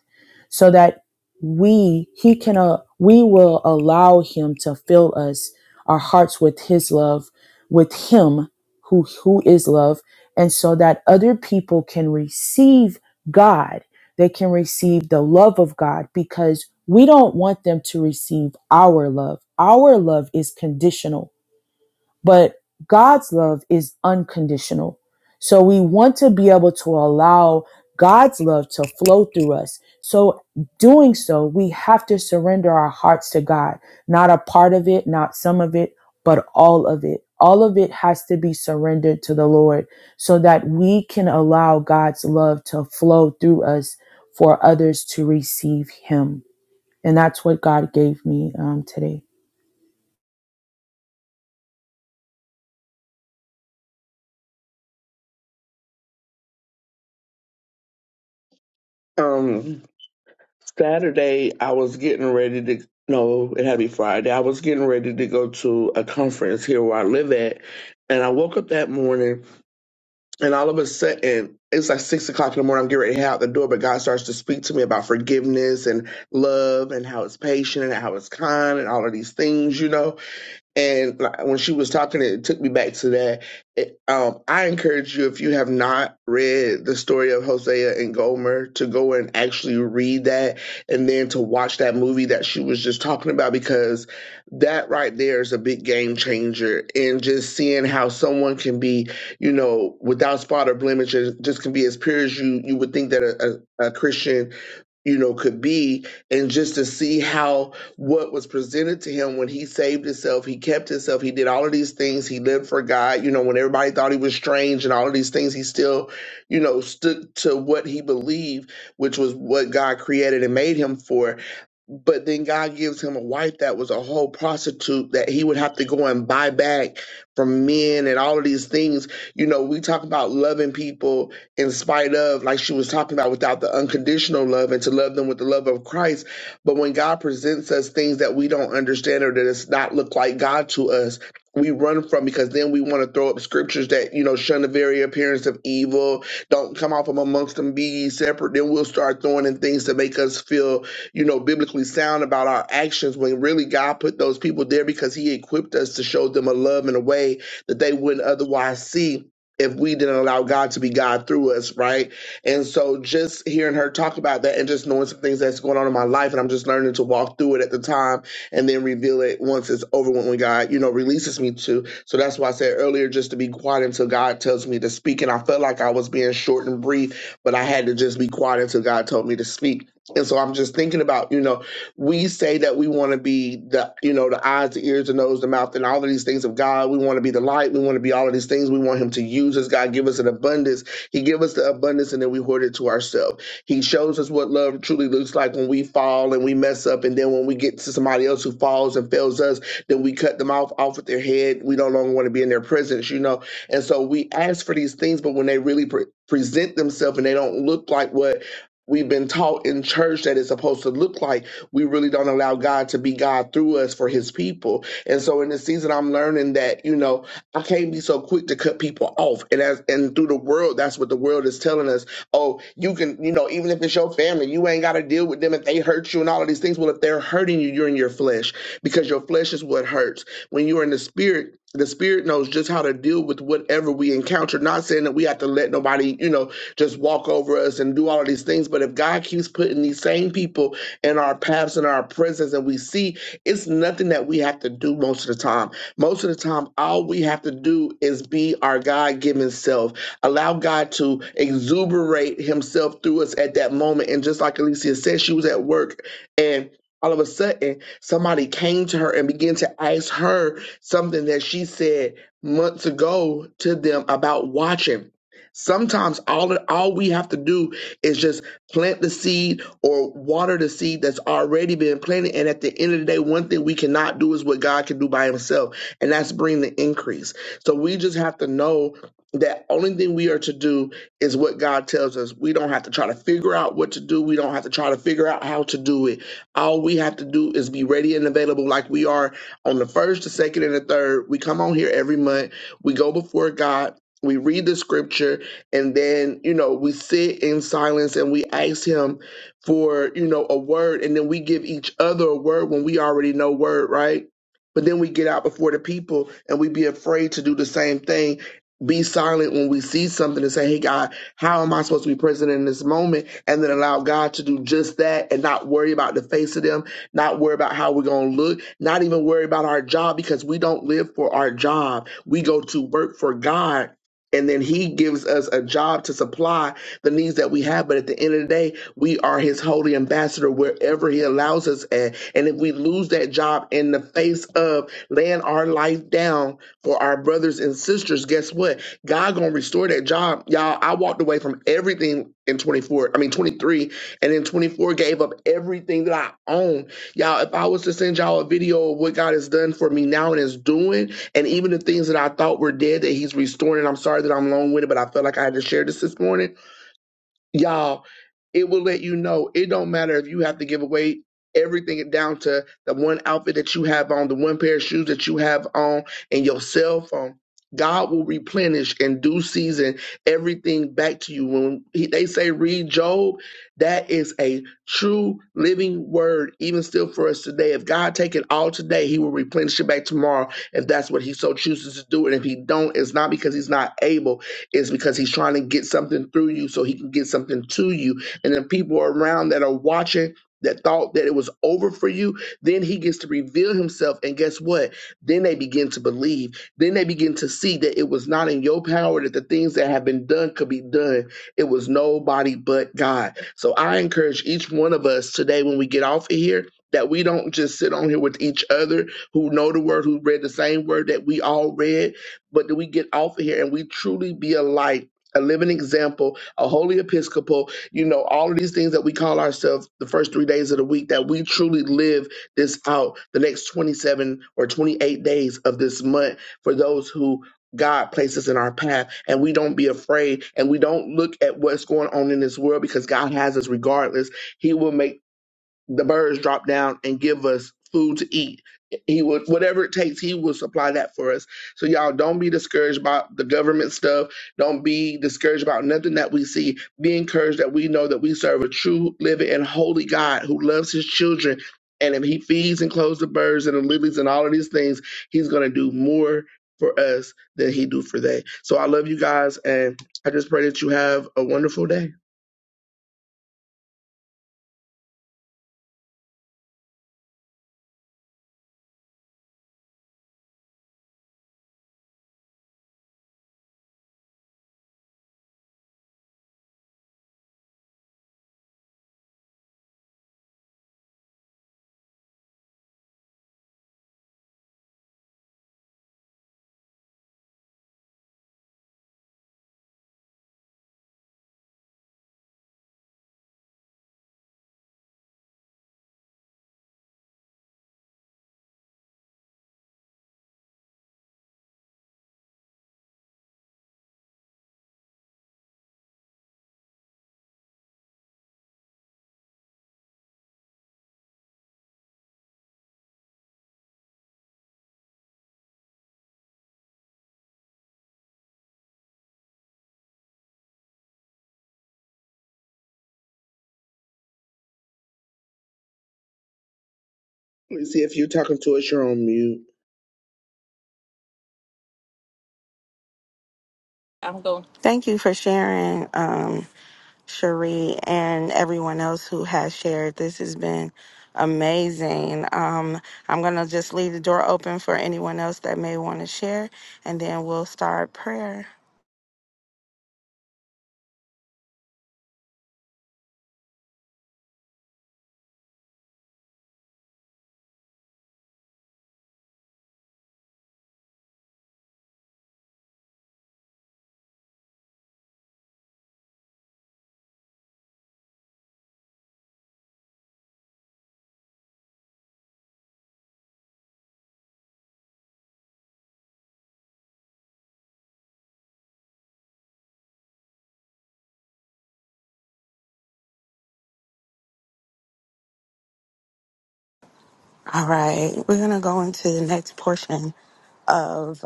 so that we he can uh, we will allow him to fill us our hearts with his love with him who who is love and so that other people can receive god they can receive the love of god because we don't want them to receive our love our love is conditional but God's love is unconditional. So we want to be able to allow God's love to flow through us. So doing so, we have to surrender our hearts to God, not a part of it, not some of it, but all of it. All of it has to be surrendered to the Lord so that we can allow God's love to flow through us for others to receive Him. And that's what God gave me um, today.
Um, Saturday, I was getting ready to. No, it had to be Friday. I was getting ready to go to a conference here where I live at, and I woke up that morning And all of a sudden, it's like six o'clock in the morning. I'm getting ready to head out the door, but God starts to speak to me about forgiveness and love and how it's patient and how it's kind and all of these things, you know. And like, when she was talking, it took me back to that. It, um, I encourage you, if you have not read the story of Hosea and Gomer, to go and actually read that and then to watch that movie that she was just talking about, because that right there is a big game changer. And just seeing how someone can be, you know, without spot or blemish, just can be as pure as you, you would think that a, a, a Christian you know, could be, and just to see how what was presented to him when he saved himself, he kept himself, he did all of these things, he lived for God, you know, when everybody thought he was strange and all of these things, he still, you know, stood to what he believed, which was what God created and made him for but then God gives him a wife that was a whole prostitute that he would have to go and buy back from men and all of these things. You know, we talk about loving people in spite of, like she was talking about, without the unconditional love and to love them with the love of Christ. But when God presents us things that we don't understand or that does not look like God to us, we run from because then we want to throw up scriptures that, you know, shun the very appearance of evil, don't come out from amongst them, be ye separate. Then we'll start throwing in things to make us feel you know, biblically sound about our actions when really God put those people there because He equipped us to show them a love in a way that they wouldn't otherwise see if we didn't allow God to be God through us, right? And so just hearing her talk about that and just knowing some things that's going on in my life and I'm just learning to walk through it at the time and then reveal it once it's over when when God, you know, releases me to. So that's why I said earlier just to be quiet until God tells me to speak. And I felt like I was being short and brief, but I had to just be quiet until God told me to speak. And so I'm just thinking about, you know, we say that we want to be the, you know, the eyes, the ears, the nose, the mouth, and all of these things of God. We want to be the light. We want to be all of these things. We want Him to use us. God give us an abundance. He give us the abundance, and then we hoard it to ourselves. He shows us what love truly looks like when we fall and we mess up, and then when we get to somebody else who falls and fails us, then we cut them off off with their head. We no longer want to be in their presence, you know. And so we ask for these things, but when they really pre- present themselves and they don't look like what we've been taught in church that it's supposed to look like we really don't allow God to be God through us for his people. And so in this season, I'm learning that, you know, I can't be so quick to cut people off. And as and through the world, that's what the world is telling us. Oh, you can, you know, even if it's your family, you ain't gotta deal with them if they hurt you and all of these things. Well, if they're hurting you, you're in your flesh because your flesh is what hurts. When you're in the spirit, the spirit knows just how to deal with whatever we encounter. Not saying that we have to let nobody, you know, just walk over us and do all of these things. But if God keeps putting these same people in our paths and our presence and we see it's nothing that we have to do most of the time most of the time, all we have to do is be our God given self. Allow God to exuberate Himself through us at that moment. And just like Alicia said, she was at work and all of a sudden somebody came to her and began to ask her something that she said months ago to them about watching. Sometimes all all we have to do is just plant the seed or water the seed that's already been planted. And at the end of the day, one thing we cannot do is what God can do by Himself and that's bringing the increase. So we just have to know that only thing we are to do is what God tells us. We don't have to try to figure out what to do. We don't have to try to figure out how to do it. All we have to do is be ready and available like we are on the first, the second, and the third. We come on here every month. We go before God. We read the scripture and then, you know, we sit in silence and we ask him for, you know, a word and then we give each other a word when we already know word, right? But then we get out before the people and we be afraid to do the same thing. Be silent when we see something and say, Hey God, how am I supposed to be present in this moment? And then allow God to do just that and not worry about the face of them, not worry about how we're going to look, not even worry about our job because we don't live for our job. We go to work for God. And then he gives us a job to supply the needs that we have. But at the end of the day, we are his holy ambassador wherever he allows us at and if we lose that job in the face of laying our life down for our brothers and sisters, guess what? God gonna restore that job. Y'all, I walked away from everything in 24, I mean 23, and in 24 gave up everything that I own. Y'all, if I was to send y'all a video of what God has done for me now and is doing, and even the things that I thought were dead that He's restoring, and I'm sorry that I'm long-winded, but I felt like I had to share this this morning. Y'all, it will let you know it don't matter if you have to give away everything down to the one outfit that you have on the one pair of shoes that you have on and your cell phone god will replenish in due season everything back to you when he, they say read job that is a true living word even still for us today if god take it all today he will replenish it back tomorrow if that's what he so chooses to do and if he don't it's not because he's not able it's because he's trying to get something through you so he can get something to you and the people around that are watching that thought that it was over for you, then he gets to reveal himself. And guess what? Then they begin to believe. Then they begin to see that it was not in your power, that the things that have been done could be done. It was nobody but God. So I encourage each one of us today when we get off of here. That we don't just sit on here with each other who know the word, who read the same word that we all read, but that we get off of here and we truly be a light, a living example, a holy episcopal you know, all of these things that we call ourselves the first three days of the week, that we truly live this out the next 27 or 28 days of this month for those who God places in our path, and we don't be afraid, and we don't look at what's going on in this world because God has us regardless. He will make the birds drop down and give us food to eat. He would whatever it takes, he will supply that for us. So y'all don't be discouraged about the government stuff. Don't be discouraged about nothing that we see. Be encouraged that we know that we serve a true, living, and holy God who loves his children. And if he feeds and clothes the birds and the lilies and all of these things, he's gonna do more for us than he do for they. So I love you guys and I just pray that you have a wonderful day. Let me see if you're talking to us, you're on mute.
Thank you for sharing, um, Cherie, and everyone else who has shared. This has been amazing. Um, I'm going to just leave the door open for anyone else that may want to share, and then we'll start prayer. All right, we're going to go into the next portion of.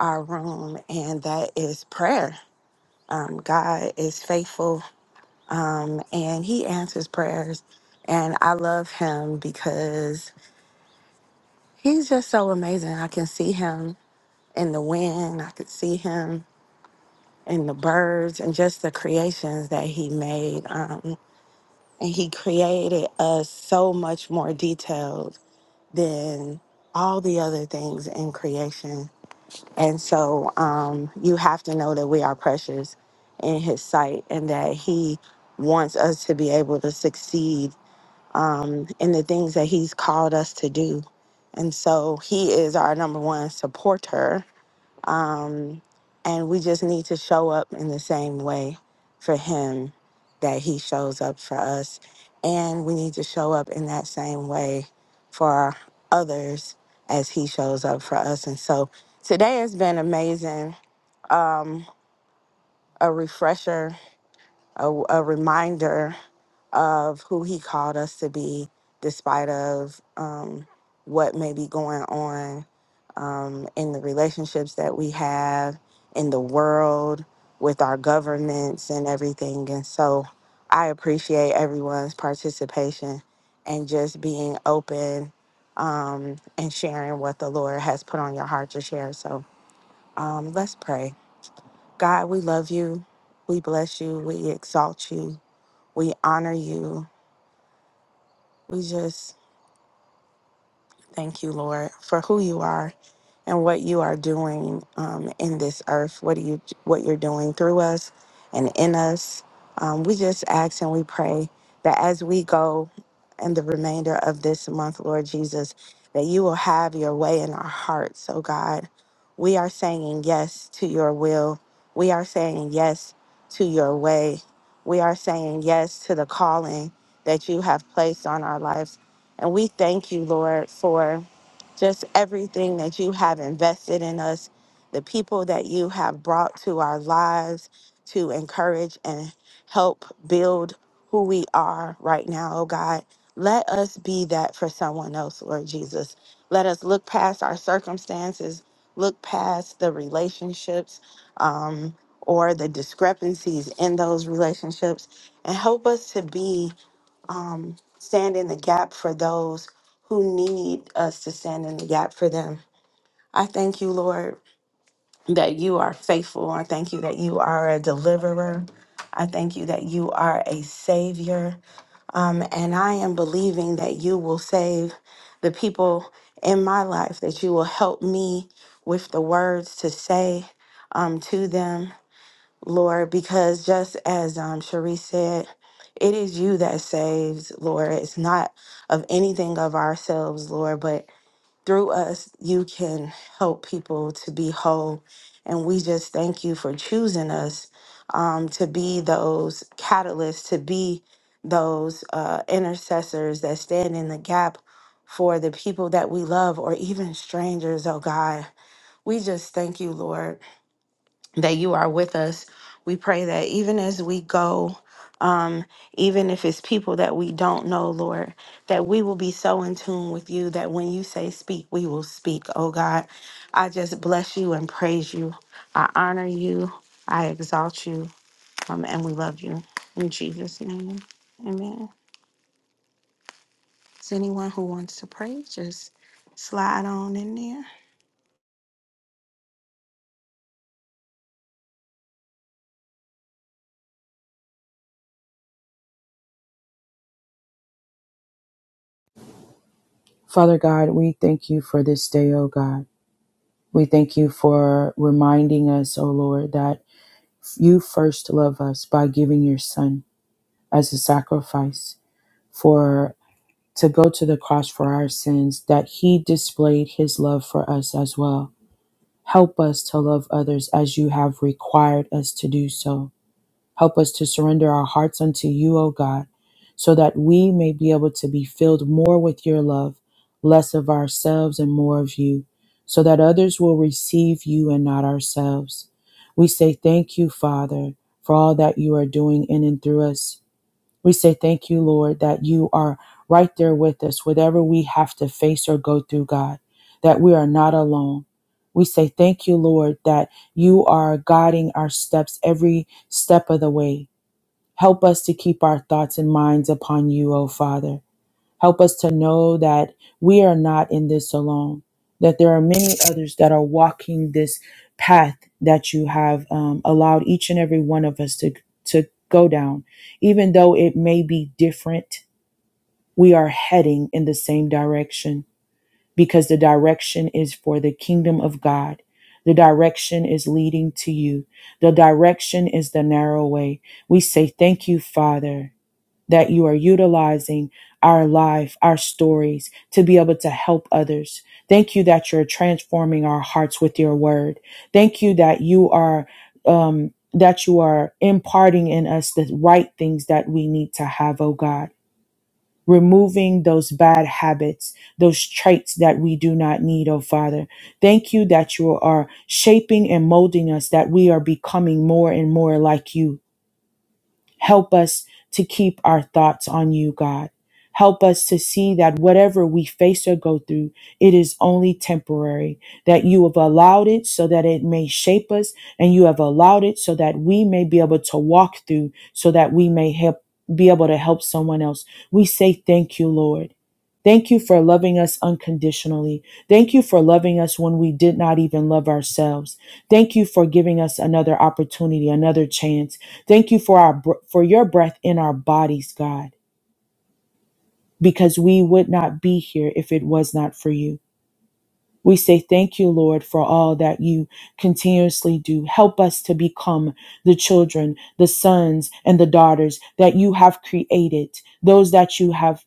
our room, and that is prayer. Um, God is faithful um, and He answers prayers. And I love Him because He's just so amazing. I can see Him in the wind, I could see Him in the birds, and just the creations that He made. Um, and He created us so much more detailed than all the other things in creation And so um, you have to know that we are precious in His sight and that He wants us to be able to succeed in the things that He's called us to do. And so He is our number one supporter. And we just need to show up in the same way for Him that He shows up for us. And we need to show up in that same way for others as He shows up for us. And so today has been amazing Um, a refresher, a, a reminder of who he called us to be, despite of um, what may be going on um, in the relationships that we have in the world with our governments and everything. And so I appreciate everyone's participation and just being open um, and sharing what the Lord has put on your heart to share. So um, let's pray. God, we love you. We bless you. We exalt you. We honor you. We just Thank you, Lord, for who you are and what you are doing um, in this earth. What do you what you're doing through us and in us? Um, we just ask and we pray that as we go in the remainder of this month, Lord Jesus, that you will have your way in our hearts. Oh God, we are saying yes to your will. We are saying yes to your way. We are saying yes to the calling that you have placed on our lives. And we thank you, Lord, for just everything that you have invested in us, the people that you have brought to our lives to encourage and help build who we are right now, oh God. Let us be that for someone else, Lord Jesus. Let us look past our circumstances, look past the relationships um, or the discrepancies in those relationships, and help us to be um, stand in the gap for those who need us to stand in the gap for them. I thank you, Lord, that you are faithful. I thank you that you are a deliverer. I thank you that you are a savior. Um, and I am believing that you will save the people in my life, that you will help me with the words to say um, to them, Lord, because just as um, Cherie said, it is you that saves, Lord. It's not of anything of ourselves, Lord, but through us, you can help people to be whole. And we just thank you for choosing us um, to be those catalysts, to be those uh, intercessors that stand in the gap for the people that we love or even strangers, oh God. We just thank you, Lord that you are with us. We pray that even as we go, um, even if it's people that we don't know, Lord, that we will be so in tune with you that when you say speak, we will speak. Oh God, I just bless you and praise you. I honor you. I exalt you. Um, and we love you. In Jesus' name, amen. Is anyone who wants to pray, just slide on in there.
Father God, we thank you for this day, oh God. We thank you for reminding us, O Lord, that you first love us by giving your son as a sacrifice for to go to the cross for our sins, that he displayed his love for us as well. Help us to love others as you have required us to do so. Help us to surrender our hearts unto you, O God, so that we may be able to be filled more with your love, less of ourselves and more of you, so that others will receive you and not ourselves. We say thank you, Father, for all that you are doing in and through us. We say thank you, Lord, that you are right there with us, whatever we have to face or go through, God, that we are not alone. We say thank you, Lord, that you are guiding our steps every step of the way. Help us to keep our thoughts and minds upon you, O Father. Help us to know that we are not in this alone, that there are many others that are walking this path that you have um, allowed each and every one of us to, to go down. Even though it may be different, we are heading in the same direction because the direction is for the kingdom of God. The direction is leading to you. The direction is the narrow way. We say, Thank you, Father that you are utilizing our life, our stories to be able to help others. Thank you that you're transforming our hearts with your word. Thank you that you are, um, that you are imparting in us the right things that we need to have, oh God. Removing those bad habits, those traits that we do not need, oh Father. Thank you that you are shaping and molding us, that we are becoming more and more like you Help us to keep our thoughts on you, God. Help us to see that whatever we face or go through, it is only temporary, that you have allowed it so that it may shape us, and you have allowed it so that we may be able to walk through, so that we may help, be able to help someone else. We say thank you, Lord. Thank you for loving us unconditionally. Thank you for loving us when we did not even love ourselves. Thank you for giving us another opportunity, another chance. Thank you for our br- for your breath in our bodies, God, because we would not be here if it was not for you. We say thank you, Lord, for all that you continuously do. Help us to become the children, the sons and the daughters that you have created, those that you have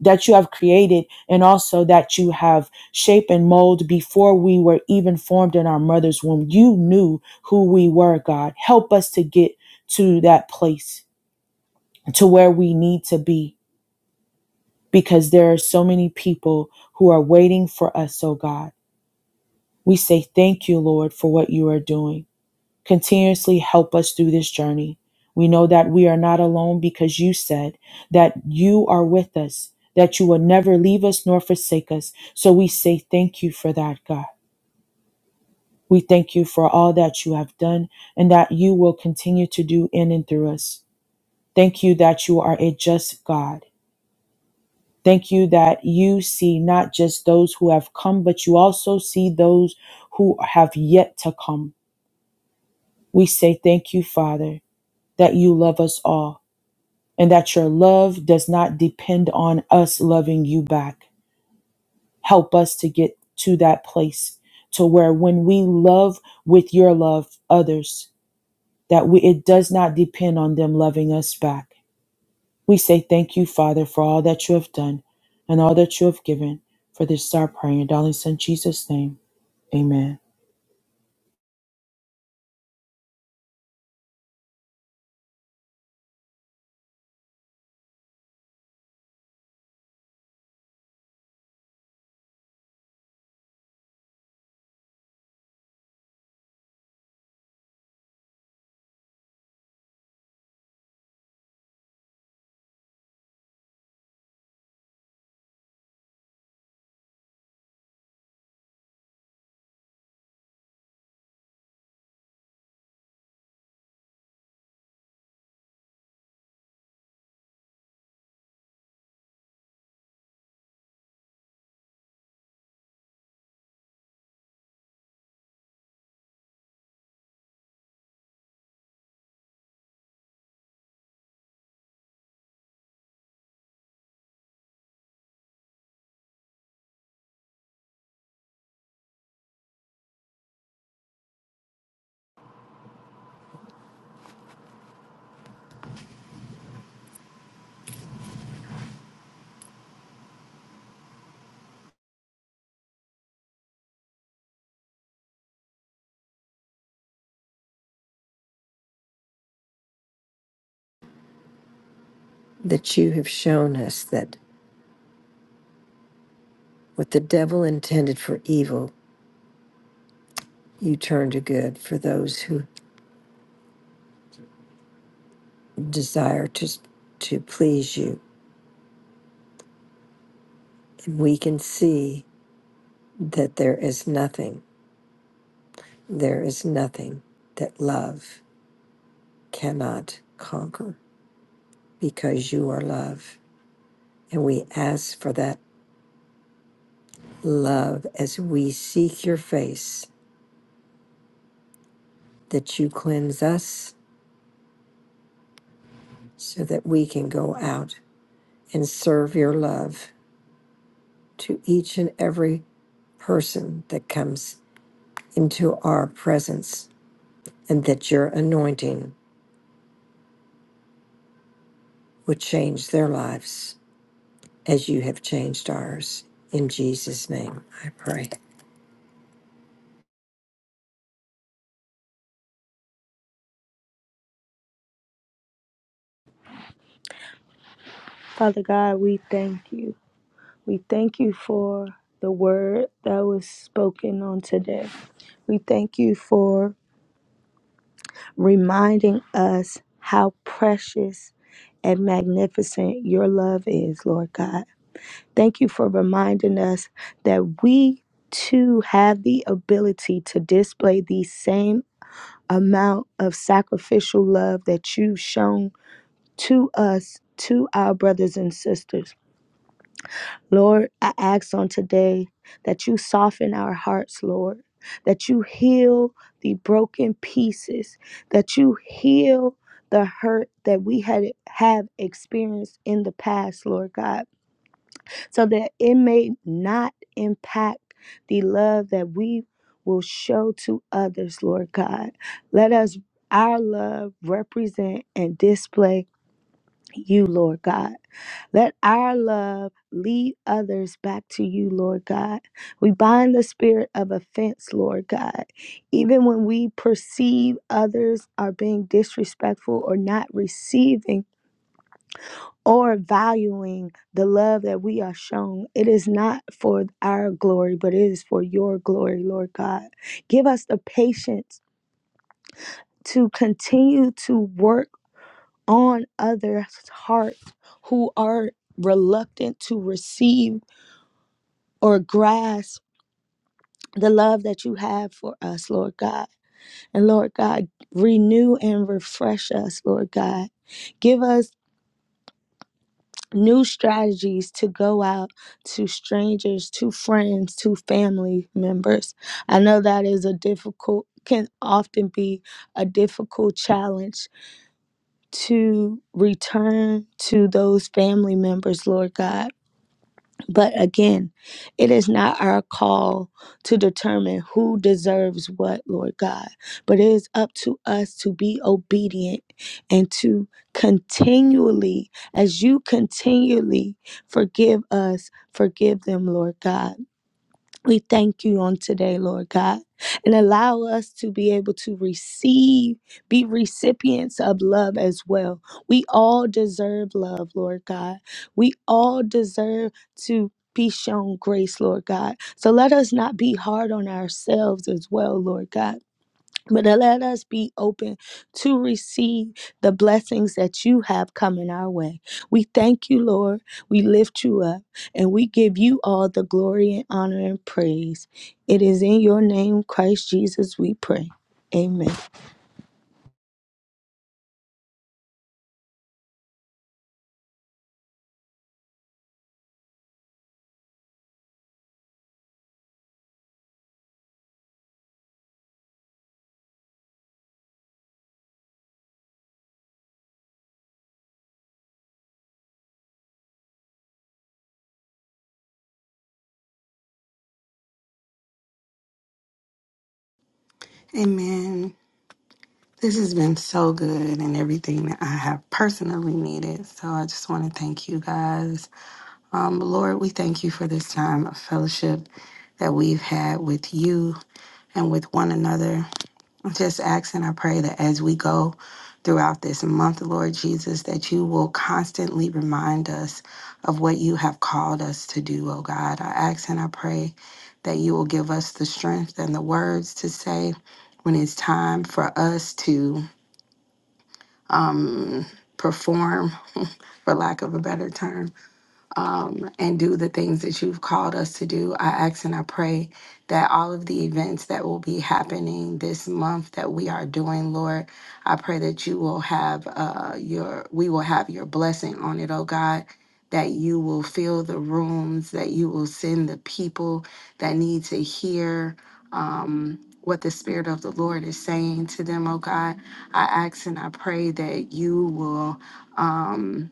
that you have created and also that you have shaped and molded before we were even formed in our mother's womb. You knew who we were, God. Help us to get to that place to where we need to be because there are so many people who are waiting for us, oh God. We say thank you, Lord, for what you are doing. Continuously help us through this journey. We know that we are not alone because you said that you are with us, that you will never leave us nor forsake us. So we say thank you for that, God. We thank you for all that you have done and that you will continue to do in and through us. Thank you that you are a just God Thank you that you see not just those who have come, but you also see those who have yet to come. We say thank you, Father, that you love us all and that your love does not depend on us loving you back. Help us to get to that place to where when we love with your love others, that we, it does not depend on them loving us back We say thank you, Father, for all that you have done and all that you have given. For this is our prayer in your darling Son Jesus' name. Amen.
That you have shown us that what the devil intended for evil, You turn to good for those who desire to, to please you. And we can see that there is nothing, there is nothing that love cannot conquer because you are love. And we ask for that love as we seek your face, that you cleanse us so that we can go out and serve your love to each and every person that comes into our presence and that your anointing would change their lives as you have changed ours. In Jesus' name, I pray.
Father God, we thank you. We thank you for the word that was spoken on today. We thank you for reminding us how precious and magnificent your love is, Lord God. Thank you for reminding us that we too have the ability to display the same amount of sacrificial love that you've shown to us, to our brothers and sisters. Lord, I ask on today that you soften our hearts, Lord, that you heal the broken pieces, that you heal the hurt that we had have experienced in the past, Lord God, so that it may not impact the love that we will show to others, Lord God. Let us our love represent and display you, Lord God. Let our love lead others back to you, Lord God. We bind the spirit of offense, Lord God. Even when we perceive others are being disrespectful or not receiving or valuing the love that we are shown, it is not for our glory, but it is for your glory, Lord God. Give us the patience to continue to work on others' hearts who are reluctant to receive or grasp the love that you have for us, Lord God. And Lord God, renew and refresh us, Lord God. Give us new strategies to go out to strangers, to friends, to family members. I know that is a difficult, can often be a difficult challenge to return to those family members, Lord God. But again, it is not our call to determine who deserves what, Lord God, but it is up to us to be obedient and to continually, as you continually forgive us, forgive them, Lord God. We thank you on today, Lord God, and allow us to be able to receive, be recipients of love as well. We all deserve love, Lord God. We all deserve to be shown grace, Lord God. So let us not be hard on ourselves as well, Lord God. But uh, let us be open to receive the blessings that you have coming our way. We thank you, Lord. We lift you up and we give you all the glory and honor and praise. It is in your name, Christ Jesus, we pray. Amen.
Amen. This has been so good and everything that I have personally needed. So I just want to thank you guys. Um, Lord, we thank you for this time of fellowship that we've had with you and with one another. I'm just asking, I pray that as we go throughout this month, Lord Jesus, that you will constantly remind us of what you have called us to do, oh God. I ask and I pray that you will give us the strength and the words to say when it's time for us to perform, for lack of a better term um, and do the things that you've called us to do. I ask and I pray that all of the events that will be happening this month that we are doing, Lord, I pray that you will have uh, your, we will have your blessing on it, oh God. That you will fill the rooms, that you will send the people that need to hear um, what the Spirit of the Lord is saying to them, oh God. I ask and I pray that you will. Um,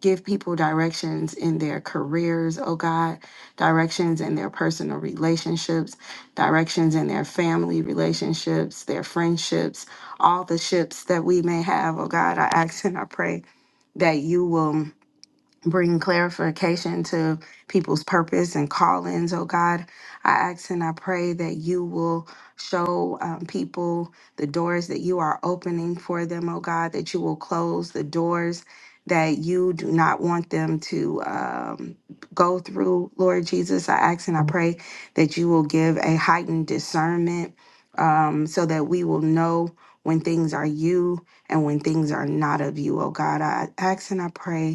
Give people directions in their careers, oh God, directions in their personal relationships, directions in their family relationships, their friendships, all the ships that we may have, oh God. I ask and I pray that you will bring clarification to people's purpose and callings, oh God. I ask and I pray that you will show um, people the doors that you are opening for them, oh God, that you will close the doors that you do not want them to um, go through, Lord Jesus. I ask and I pray that you will give a heightened discernment um, so that we will know when things are you and when things are not of you, oh God. I ask and I pray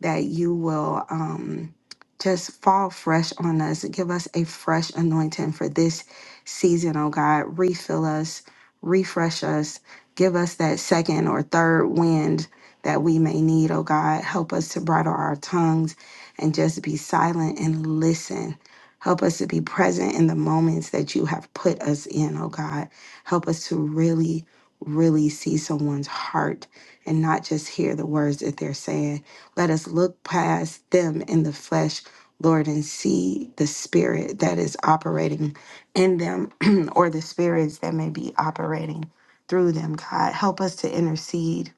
that you will um, just fall fresh on us. Give us a fresh anointing for this season, oh God. Refill us, refresh us, give us that second or third wind that we may need, oh God. Help us to bridle our tongues and just be silent and listen. Help us to be present in the moments that you have put us in, oh God. Help us to really, really see someone's heart and not just hear the words that they're saying let us look past them in the flesh, Lord, and see the spirit that is operating in them or the spirits that may be operating through them, God. Help us to intercede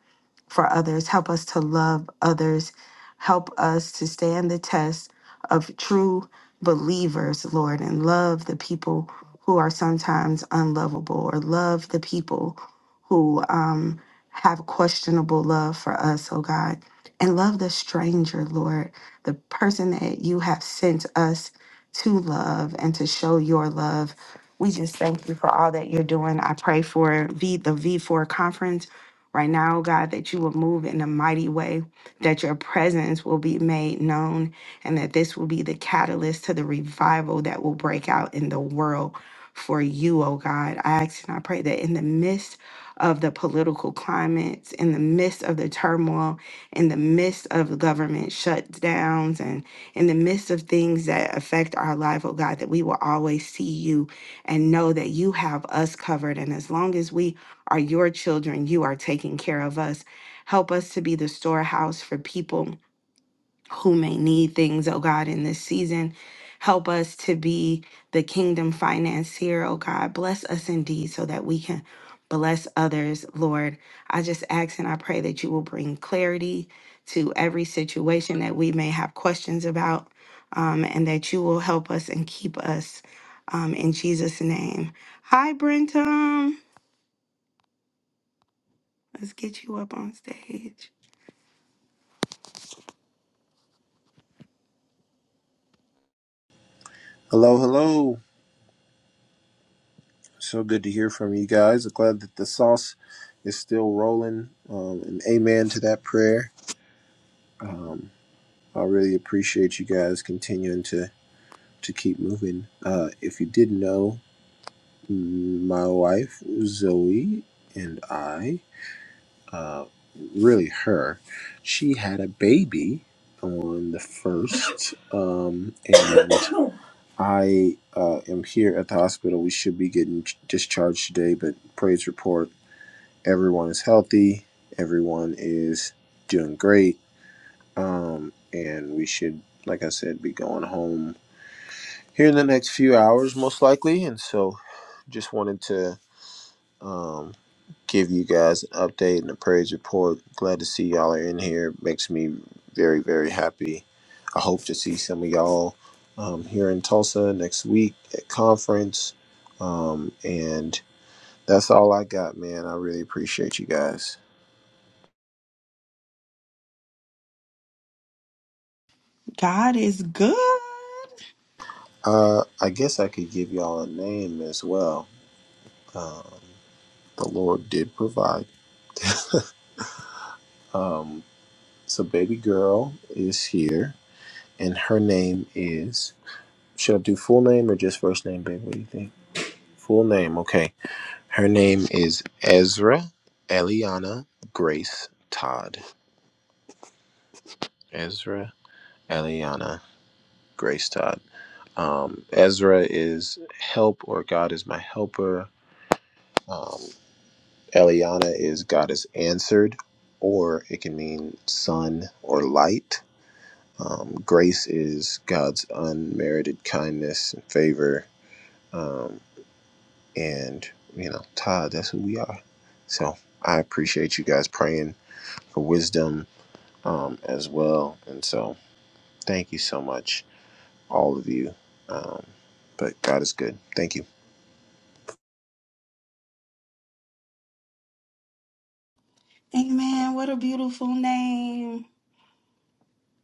for others. Help us to love others. Help us to stand the test of true believers, Lord, and love the people who are sometimes unlovable or love the people who um, have questionable love for us, oh God. And love the stranger, Lord, the person that you have sent us to love and to show your love. We just thank you for all that you're doing. I pray for v, the V4 conference Right now, God, that you will move in a mighty way, that your presence will be made known, and that this will be the catalyst to the revival that will break out in the world for you, oh God. I ask and I pray that in the midst of the political climates, in the midst of the turmoil, in the midst of the government shutdowns, and in the midst of things that affect our life, oh God, that we will always see you and know that you have us covered. And as long as we are your children. You are taking care of us. Help us to be the storehouse for people who may need things, oh God, in this season. Help us to be the kingdom financier, oh God. Bless us indeed so that we can bless others, Lord. I just ask and I pray that you will bring clarity to every situation that we may have questions about, um, and that you will help us and keep us um, in Jesus' name. Hi, Brentum. Let's get you up on stage.
Hello, hello. So good to hear from you guys. I'm glad that the sauce is still rolling. Um, and amen to that prayer. Um, I really appreciate you guys continuing to, to keep moving. Uh, if you didn't know, mm, my wife, Zoe, and I. uh, really her, she had a baby on the first, um, and I uh, am here at the hospital. We should be getting ch- discharged today, but praise report, everyone is healthy, everyone is doing great, um, and we should, like I said, be going home here in the next few hours, most likely. And so, just wanted to. um, give you guys an update and a praise report. Glad to see y'all are in here. Makes me very, very happy. I hope to see some of y'all um, here in Tulsa next week at conference. Um, and that's all I got, man. I really appreciate you guys.
God is good.
Uh, I guess I could give y'all a name as well. The Lord did provide. Um, so, baby girl is here, and her name is. Should I do full name or just first name, babe? What do you think? Full name, okay. Her name is Ezra Eliana Grace Todd. Ezra Eliana Grace Todd. Um, Ezra is help or God is my helper. Um, Eliana is God is answered, or it can mean sun or light. Um, grace is God's unmerited kindness and favor. Um, and, you know, Todd, that's who we are. So I appreciate you guys praying for wisdom um, as well. And so, thank you so much, all of you. Um, but God is good. Thank you.
Amen. What a beautiful name.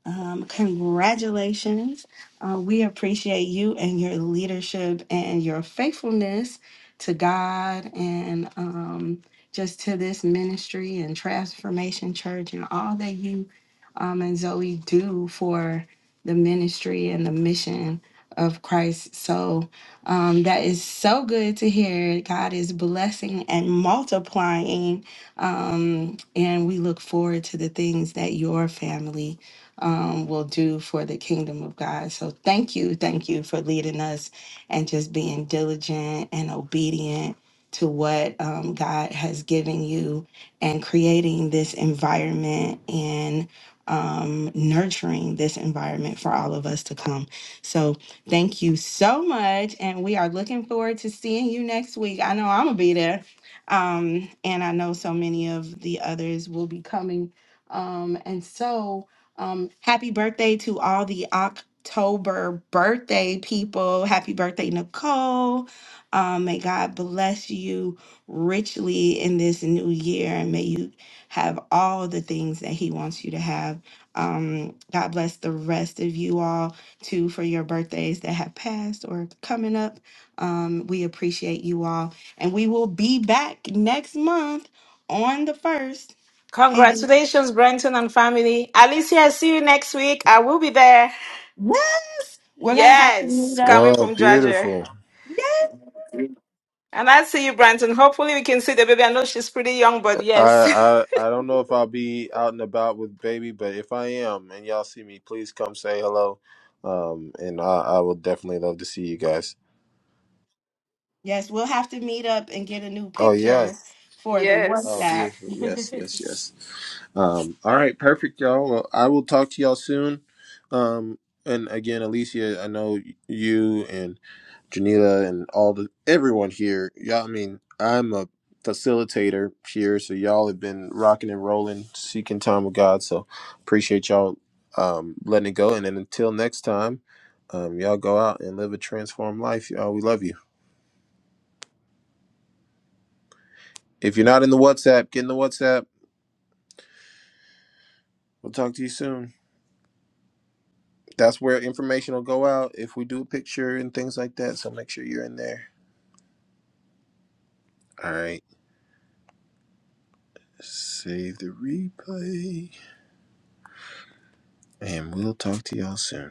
Um, congratulations. Uh, we appreciate you and your leadership and your faithfulness to God and um, just to this ministry and Transformation Church and all that you um, and Zoe do for the ministry and the mission of Christ. So um, that is so good to hear. God is blessing and multiplying. Um, and we look forward to the things that your family um, will do for the kingdom of God. So thank you, thank you for leading us and just being diligent and obedient to what um, God has given you and creating this environment and um, nurturing this environment for all of us to come. So thank you so much. And we are looking forward to seeing you next week. I know I'm going to be there. Um, and I know so many of the others will be coming. Um, and so, um, happy birthday to all the October birthday people. Happy birthday, Nicole. Um, may God bless you richly in this new year and may you have all the things that He wants you to have. Um, God bless the rest of you all too for your birthdays that have passed or coming up. Um, we appreciate you all. And we will be back next month on the first. Hey,
Congratulations, Brenton and family. Alicia, I see you next week. I will be there.
Yes, we're gonna have to meet
Yes,
up.
coming
No,
from Georgia.
beautiful.
Yes,
And I see you, Brenton. Hopefully, we can see the baby. I know she's pretty young, but
I,
yes.
I I don't know if I'll be out and about with baby, but if I am and y'all see me, please come say hello. Um, and I, I will definitely love to see you guys.
yes, we'll have to meet up and get a new
Oh yeah.
picture for the
Oh,
Yes.
WhatsApp.
beautiful. Yes, yes, yes. Um, all right, perfect, y'all. Well, I will talk to y'all soon. Um, and again, Alicia, I know you and Janita and all the everyone here. Y'all, I mean, I'm a facilitator here, so y'all have been rocking and rolling, seeking time with God. So appreciate y'all um, letting it go. And then until next time, um, y'all go out and live a transformed life. Y'all, we love you. If you're not in the WhatsApp, get in the WhatsApp. We'll talk to you soon. That's where information will go out if we do a picture and things like that. So make sure you're in there. All right. Save the replay. And we'll talk to y'all soon.